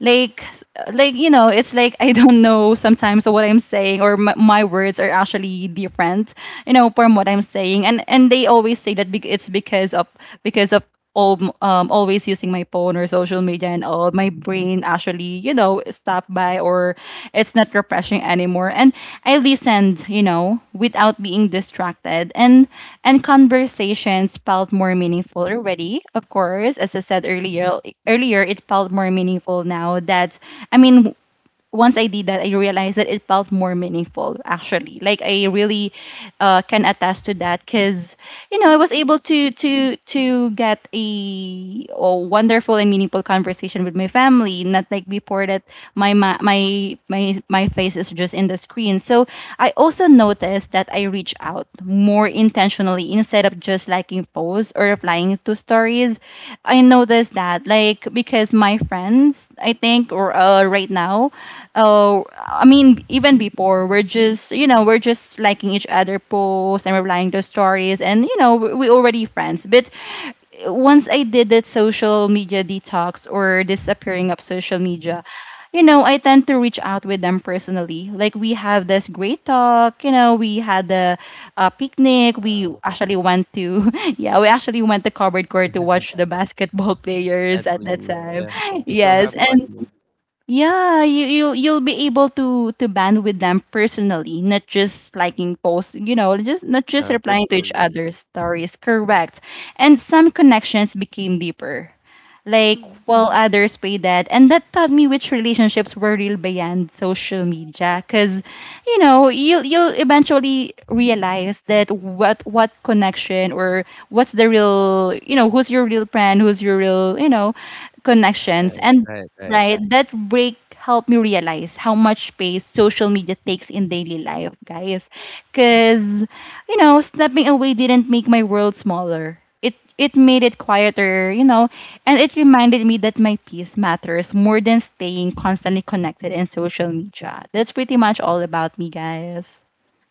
C: like like you know, it's like I don't know sometimes what I'm saying or my, my words are actually different, you know, from what I'm saying. and and they always say that bec- it's because of, because of all, um, always using my phone or social media and all. My brain actually, you you know, stop by or it's not refreshing anymore. And I listened, you know, without being distracted. And and conversations felt more meaningful already, of course. As I said earlier, earlier, it felt more meaningful now that, I mean, once I did that, I realized that it felt more meaningful actually. Like I really uh, can attest to that because you know I was able to to to get a, oh, wonderful and meaningful conversation with my family. Not like before that my ma- my my my face is just in the screen. So I also noticed that I reach out more intentionally instead of just liking posts or replying to stories. I noticed that like because my friends I think or uh, uh, right now. Uh, I mean, even before, we're just, you know, we're just liking each other posts and replying to stories, and, you know, we we already friends. But once I did that social media detox or disappearing of social media, you know, I tend to reach out with them personally. Like we have this great talk, you know, we had a, a picnic. We
B: uh,
C: actually went to, yeah, we actually went to covered court to watch the basketball
B: at
C: players at that
B: least,
C: time.
B: yeah, you still
C: Yes,
B: have
C: and
B: bonding
C: yeah, you you'll you'll be able to to band with them personally, not just liking posts, you know, just not just
B: uh,
C: replying to each
B: virtually.
C: other's stories. Correct. And some connections became deeper. Like
A: Mhm.
C: while others paid that. And that taught me which relationships were real beyond social media. Cause, you know, you you'll eventually realize that what what connection or what's the real, you know, who's your real friend, who's your real, you know, connections.
B: Right,
C: And
B: right, right.
C: right. That break helped me realize how much space social media takes in daily life, guys. Cause, you know, stepping away didn't make my world smaller. It it made it quieter, you know, and it reminded me that my peace matters more than staying constantly connected in social media. That's pretty much all about me, guys.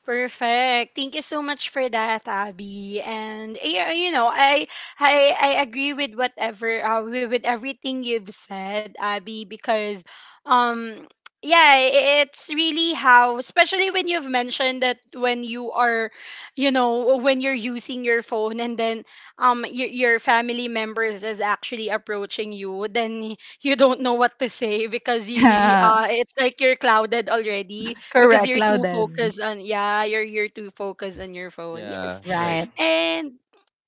A: Perfect. Thank you so much for that, Abby. And eh, uh, you know, I I I agree with whatever uh, with with everything you've said, Abby, because um yeah, i- it's really how, especially when you've mentioned that, when you are, you know, when you're using your phone and then um your your family members is actually approaching you, then you don't know what to say because you,
C: Yeah.
A: uh it's like you're clouded already because
C: Correct,
A: you're too
C: Loudon.
A: focused on, yeah, you're you're too focused on your phone. Yes.
B: Yeah, right.
C: Right.
A: And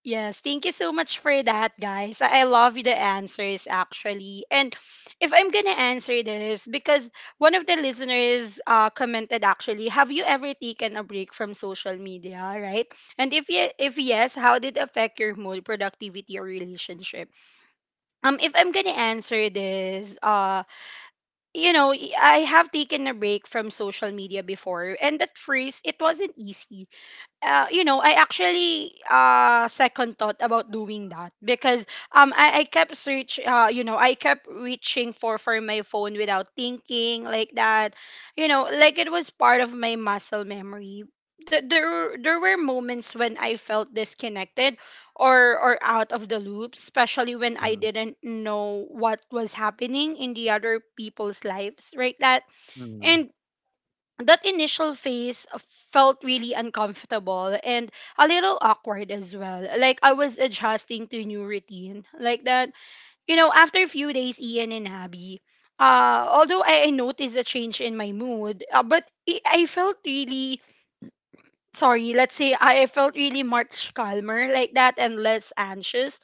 A: yes, thank you so much for that, guys. I I love the answers actually. And if I'm gonna answer this, because one of the listeners uh, commented actually, have you ever taken a break from social media, right? And if ye- if yes, how did it affect your mood, productivity, or relationship? Um, if I'm gonna answer this, uh, you know, y- I have taken a break from social media before, and at first it wasn't easy. Uh, you know, I actually uh second thought about doing that because um I, I kept search uh you know I kept reaching for for my phone without thinking like that, you know, like it was part of my muscle memory. Th- There were- there were moments when I felt disconnected or or out of the loop, especially when I
B: Mm,
A: didn't know what was happening in the other people's lives, right? That
B: mm,
A: and that initial phase felt really uncomfortable and a little awkward as well. Like I was adjusting to new routine like that. You know, after a few days, Ian and Abby. Uh, although I, I noticed a change in my mood, uh, but I, I felt really sorry. Let's say I felt really much calmer like that and less anxious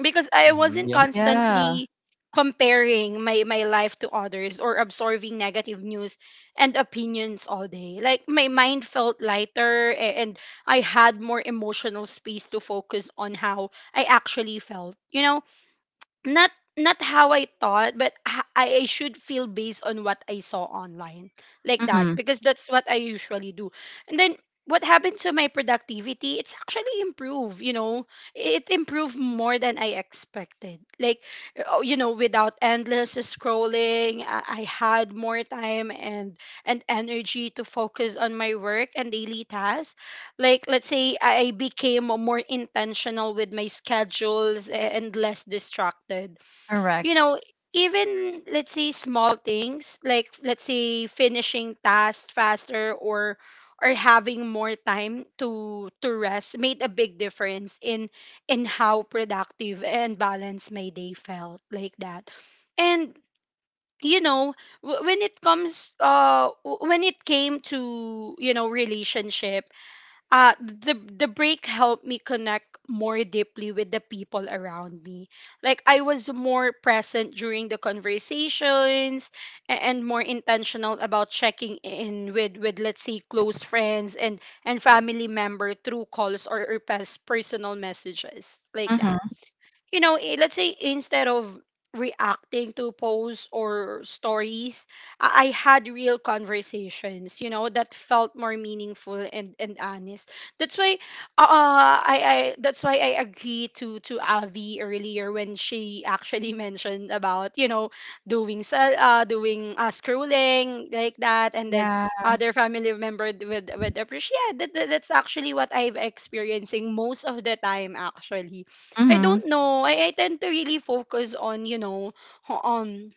A: because I
B: mm-hmm,
A: wasn't
B: yeah,
C: Yeah.
A: constantly comparing my my life to others or absorbing negative news and opinions all day. Like my mind felt lighter, a- and I had more emotional space to focus on how I actually felt, you know, not not how I thought, but h- I I should feel based on what I saw online, like that,
C: Mm-hmm.
A: because that's what I usually do. And then what happened to my productivity? It's actually improved. You know, it improved more than I expected. Like, oh, you know, without endless scrolling, I, I had more time and and energy to focus on my work and daily tasks, like, let's say I became more intentional with my schedules and less distracted. You
C: Correct.
A: know, even let's say small things like let's say finishing tasks faster or or having more time to to rest made a big difference in in how productive and balanced my day felt like that. And you know, w- when it comes uh w- when it came to, you know, relationship, uh the the break helped me connect more deeply with the people around me. Like I was more present during the conversations, a- and more intentional about checking in with with let's say close friends and and family member through calls, or, or pers- personal messages like that.
C: Mm-hmm.
A: You know, eh, let's say, instead of reacting to posts or stories, I, I had real conversations, you know, that felt more meaningful and, and honest. That's why uh I, I that's why I agree to to Avi earlier when she actually mentioned about, you know, doing cell uh doing uh scrolling like that, and then
C: Yeah.
A: other family member would would appreciate. Yeah, that, that that's actually what I've experiencing most of the time actually. I
C: Mm-hmm.
A: don't know. I, I tend to really focus on, you know, on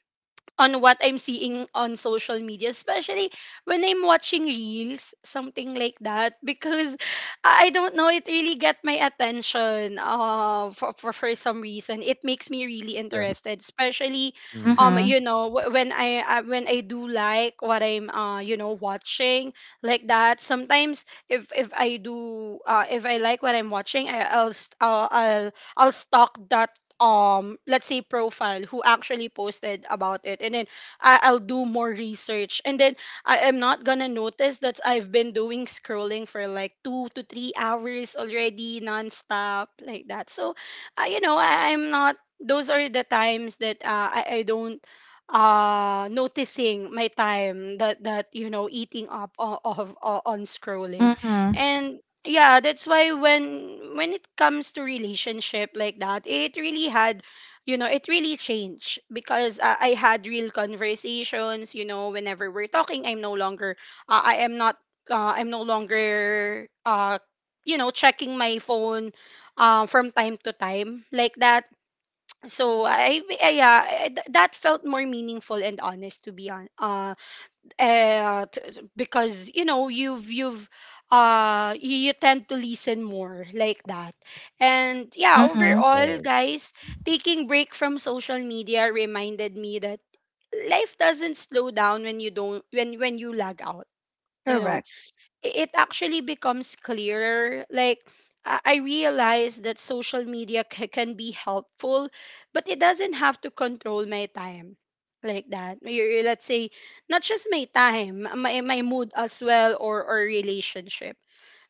A: on what I'm seeing on social media, especially when I'm watching reels, something like that, because I I don't know, it really get my attention. Uh, for, for for some reason, it makes me really
B: yeah.
A: interested, especially,
B: Mm,
A: um,
C: Mm-hmm.
A: you know, wh- when I I- when I do like what I'm uh you know watching like that. Sometimes if if I do uh if I like what I'm watching, I, I'll st- I'll I'll I'll stalk that um let's say profile who actually posted about it, and then I, i'll do more research, and then I am not gonna notice that I've been doing scrolling for like two to three hours already nonstop like that. So uh, you know I, i'm not, those are the times that uh, I, I don't uh noticing my time, that that you know, eating up o- of, o- on scrolling.
C: Mm-hmm.
A: And yeah, that's why when when it comes to relationship like that, it really had, you know, it really changed because uh, i had real conversations. You know, whenever we're talking, I'm no longer uh, I am not uh, I'm no longer uh you know checking my phone uh, from time to time like that. So i, I yeah, I- th- that felt more meaningful and honest to be on, uh, uh, t- t- because you know you've you've uh you, you tend to listen more like that. And yeah,
C: Mm-hmm.
A: overall,
B: right.
A: guys, taking break from social media reminded me that life doesn't slow down when you don't when when you lag out, you know,
C: Correct.
A: i- it actually becomes clearer. Like, I I realize that social media ca- can be helpful, but it doesn't have to control my time like that. Y- y- Let's say, not just my time, my, my mood as well, or, or relationship.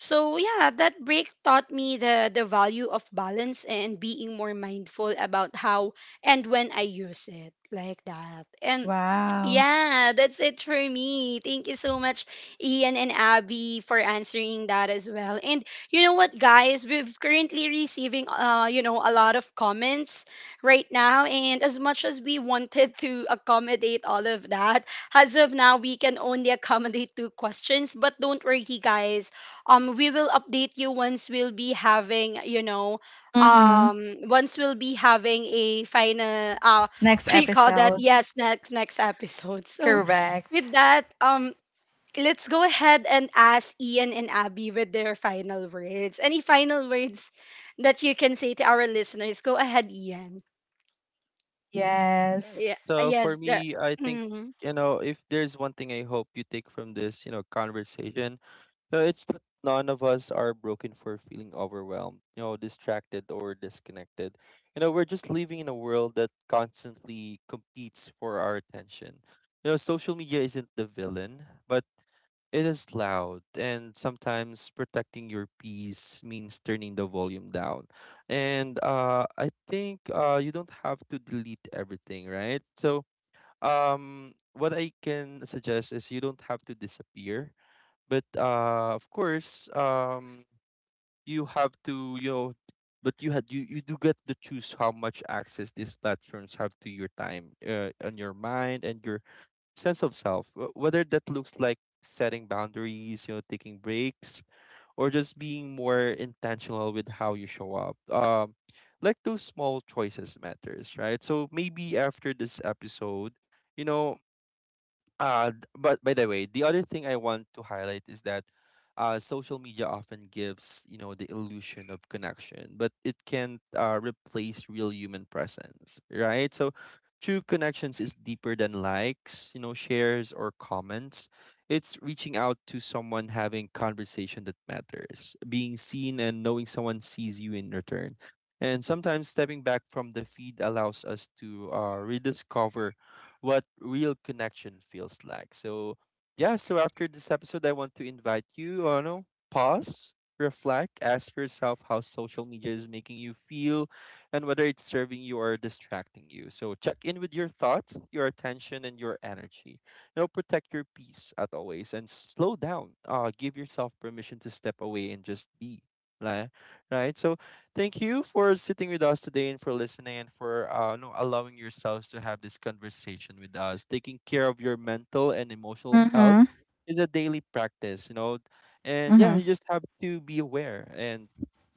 A: So yeah, that break taught me the, the value of balance and being more mindful about how and when I use it like that. And
C: Wow.
A: yeah, that's it for me. Thank you so much, Ian and Abby, for answering that as well. And you know what, guys, we've currently receiving uh, you know, a lot of comments right now. And as much as we wanted to accommodate all of that, as of now, we can only accommodate two questions. But don't worry, guys. Um, we will update you once we'll be having, you know,
C: Mm-hmm.
A: um once we'll be having a final uh,
C: Next
A: what do you call that?
C: episode.
A: Yes, next next episode. So
C: Correct.
A: with that, um, let's go ahead and ask Ian and Abby with their final words. Any final words that you can say to our listeners? Go ahead, Ian.
B: Yes.
A: Yeah,
C: Yes.
B: So
A: yes,
B: for
A: there.
B: me, I think,
A: Mhm.
B: you know, if there's one thing I hope you take from this, you know, conversation, uh, it's that none of us are broken for feeling overwhelmed, you know, distracted or disconnected. You know, we're just living in a world that constantly competes for our attention. You know, social media isn't the villain, but it is loud, and sometimes protecting your peace means turning the volume down. And uh, I think uh, you don't have to delete everything, right? So, um, what I can suggest is you don't have to disappear, but uh, of course, um, you have to, you know, but you had you, you do get to choose how much access these platforms have to your time, uh, on your mind and your sense of self, wh- whether that looks like setting boundaries, you know, taking breaks, or just being more intentional with how you show up. Um, like those small choices matters, right? So maybe after this episode, you know, uh, th- but by the way, the other thing I want to highlight is that uh, social media often gives, you know, the illusion of connection, but it can uh, replace real human presence, right? So true connections is deeper than likes, you know, shares or comments. It's reaching out to someone, having conversation that matters, being seen and knowing someone sees you in return. And sometimes stepping back from the feed allows us to uh, rediscover what real connection feels like. So, yeah, so after this episode, I want to invite you, uh, no, pause, reflect, ask yourself how social media is making you feel and whether it's serving you or distracting you. So, check in with your thoughts, your attention, and your energy. You protect your peace as always and slow down. Uh, give yourself permission to step away and just be. Like, right? So thank you for sitting with us today and for listening and for uh, no, allowing yourselves to have this conversation with us. Taking care of your mental and emotional health
C: Mm-hmm.
B: is a daily practice, you know. And yeah, you
C: Mm-hmm.
B: just have to be aware. And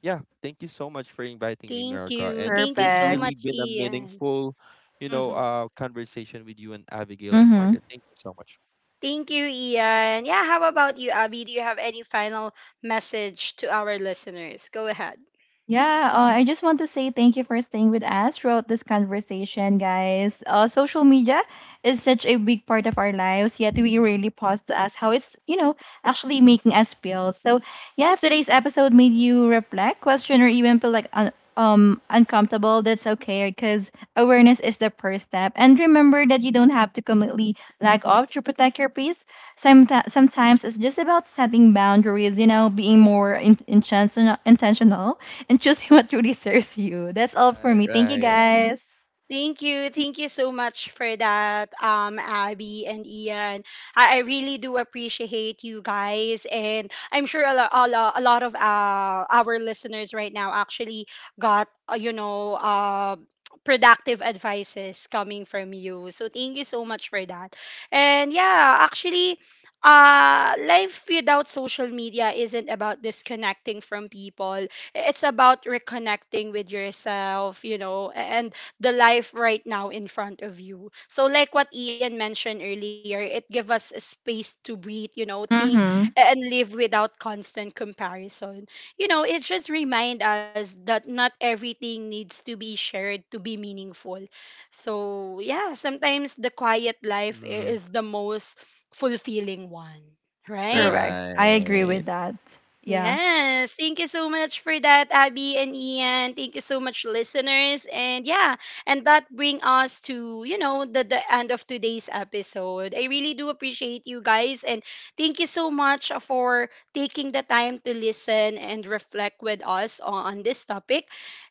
B: yeah, thank you so much for inviting me,
A: Thank
B: Miraga.
A: you.
B: And
A: Thank you
B: it's
A: so
C: Perfect.
B: really
A: much,
B: been a
A: Ian.
B: meaningful, you know,
A: Hmm.
B: uh, conversation with you and Abigail and
C: Mm-hmm.
B: Morgan. Thank you so much.
A: Thank you, Ian. Yeah, how about you, Abby? Do you have any final message to our listeners? Go ahead.
C: Yeah, uh, I just want to say thank you for staying with us throughout this conversation, guys. Uh, social media is such a big part of our lives, yet we really pause to ask how it's, you know, actually making us feel. So, yeah, if today's episode made you reflect, question, or even feel like un- um uncomfortable, that's okay because awareness is the first step. And remember that you don't have to completely lack off to protect your peace. Sometimes, sometimes it's just about setting boundaries, you know, being more in- intentional, intentional and choosing what truly serves you. That's all for
B: Right,
C: me. Thank you
B: right.
C: guys.
A: Thank you. Thank you so much for that, um, Abby and Ian. I, I really do appreciate you guys. And I'm sure a, lo- a, lo- a lot of uh, our listeners right now actually got, uh, you know, uh, productive advices coming from you. So thank you so much for that. And yeah, actually, uh, life without social media isn't about disconnecting from people. It's about reconnecting with yourself, you know, and the life right now in front of you. So like what Ian mentioned earlier, it gives us a space to breathe, you know, think
C: Mm-hmm.
A: and live without constant comparison. You know, it just reminds us that not everything needs to be shared to be meaningful. So yeah, sometimes the quiet life i-
B: Mhm,
A: is the most fulfilling one. Right?
C: Correct. I agree
B: right.
C: with that. Yeah.
A: Yes, thank you so much for that, Abby and Ian. Thank you so much, listeners. And yeah, and that bring us to you know the the end of today's episode. I really do appreciate you guys, and thank you so much for taking the time to listen and reflect with us on, on this topic.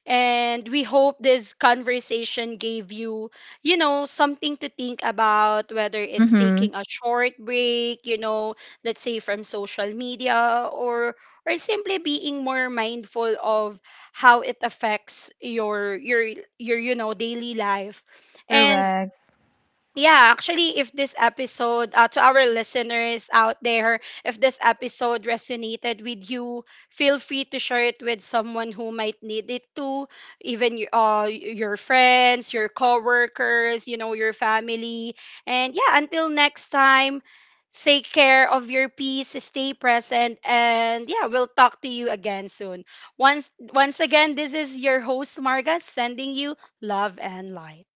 A: And we hope this conversation gave you you know something to think about, whether it's
C: Mm-hmm.
A: taking a short break, you know, let's say from social media or or simply being more mindful of how it affects your your your you know daily life. And
C: Correct.
A: yeah, actually, if this episode, uh, to our listeners out there, if this episode resonated with you, feel free to share it with someone who might need it too, even y- uh, y- your friends, your coworkers, you know, your family. And yeah, until next time, take care of your peace, stay present, and yeah, we'll talk to you again soon. Once, once again, this is your host, Marga, sending you love and light.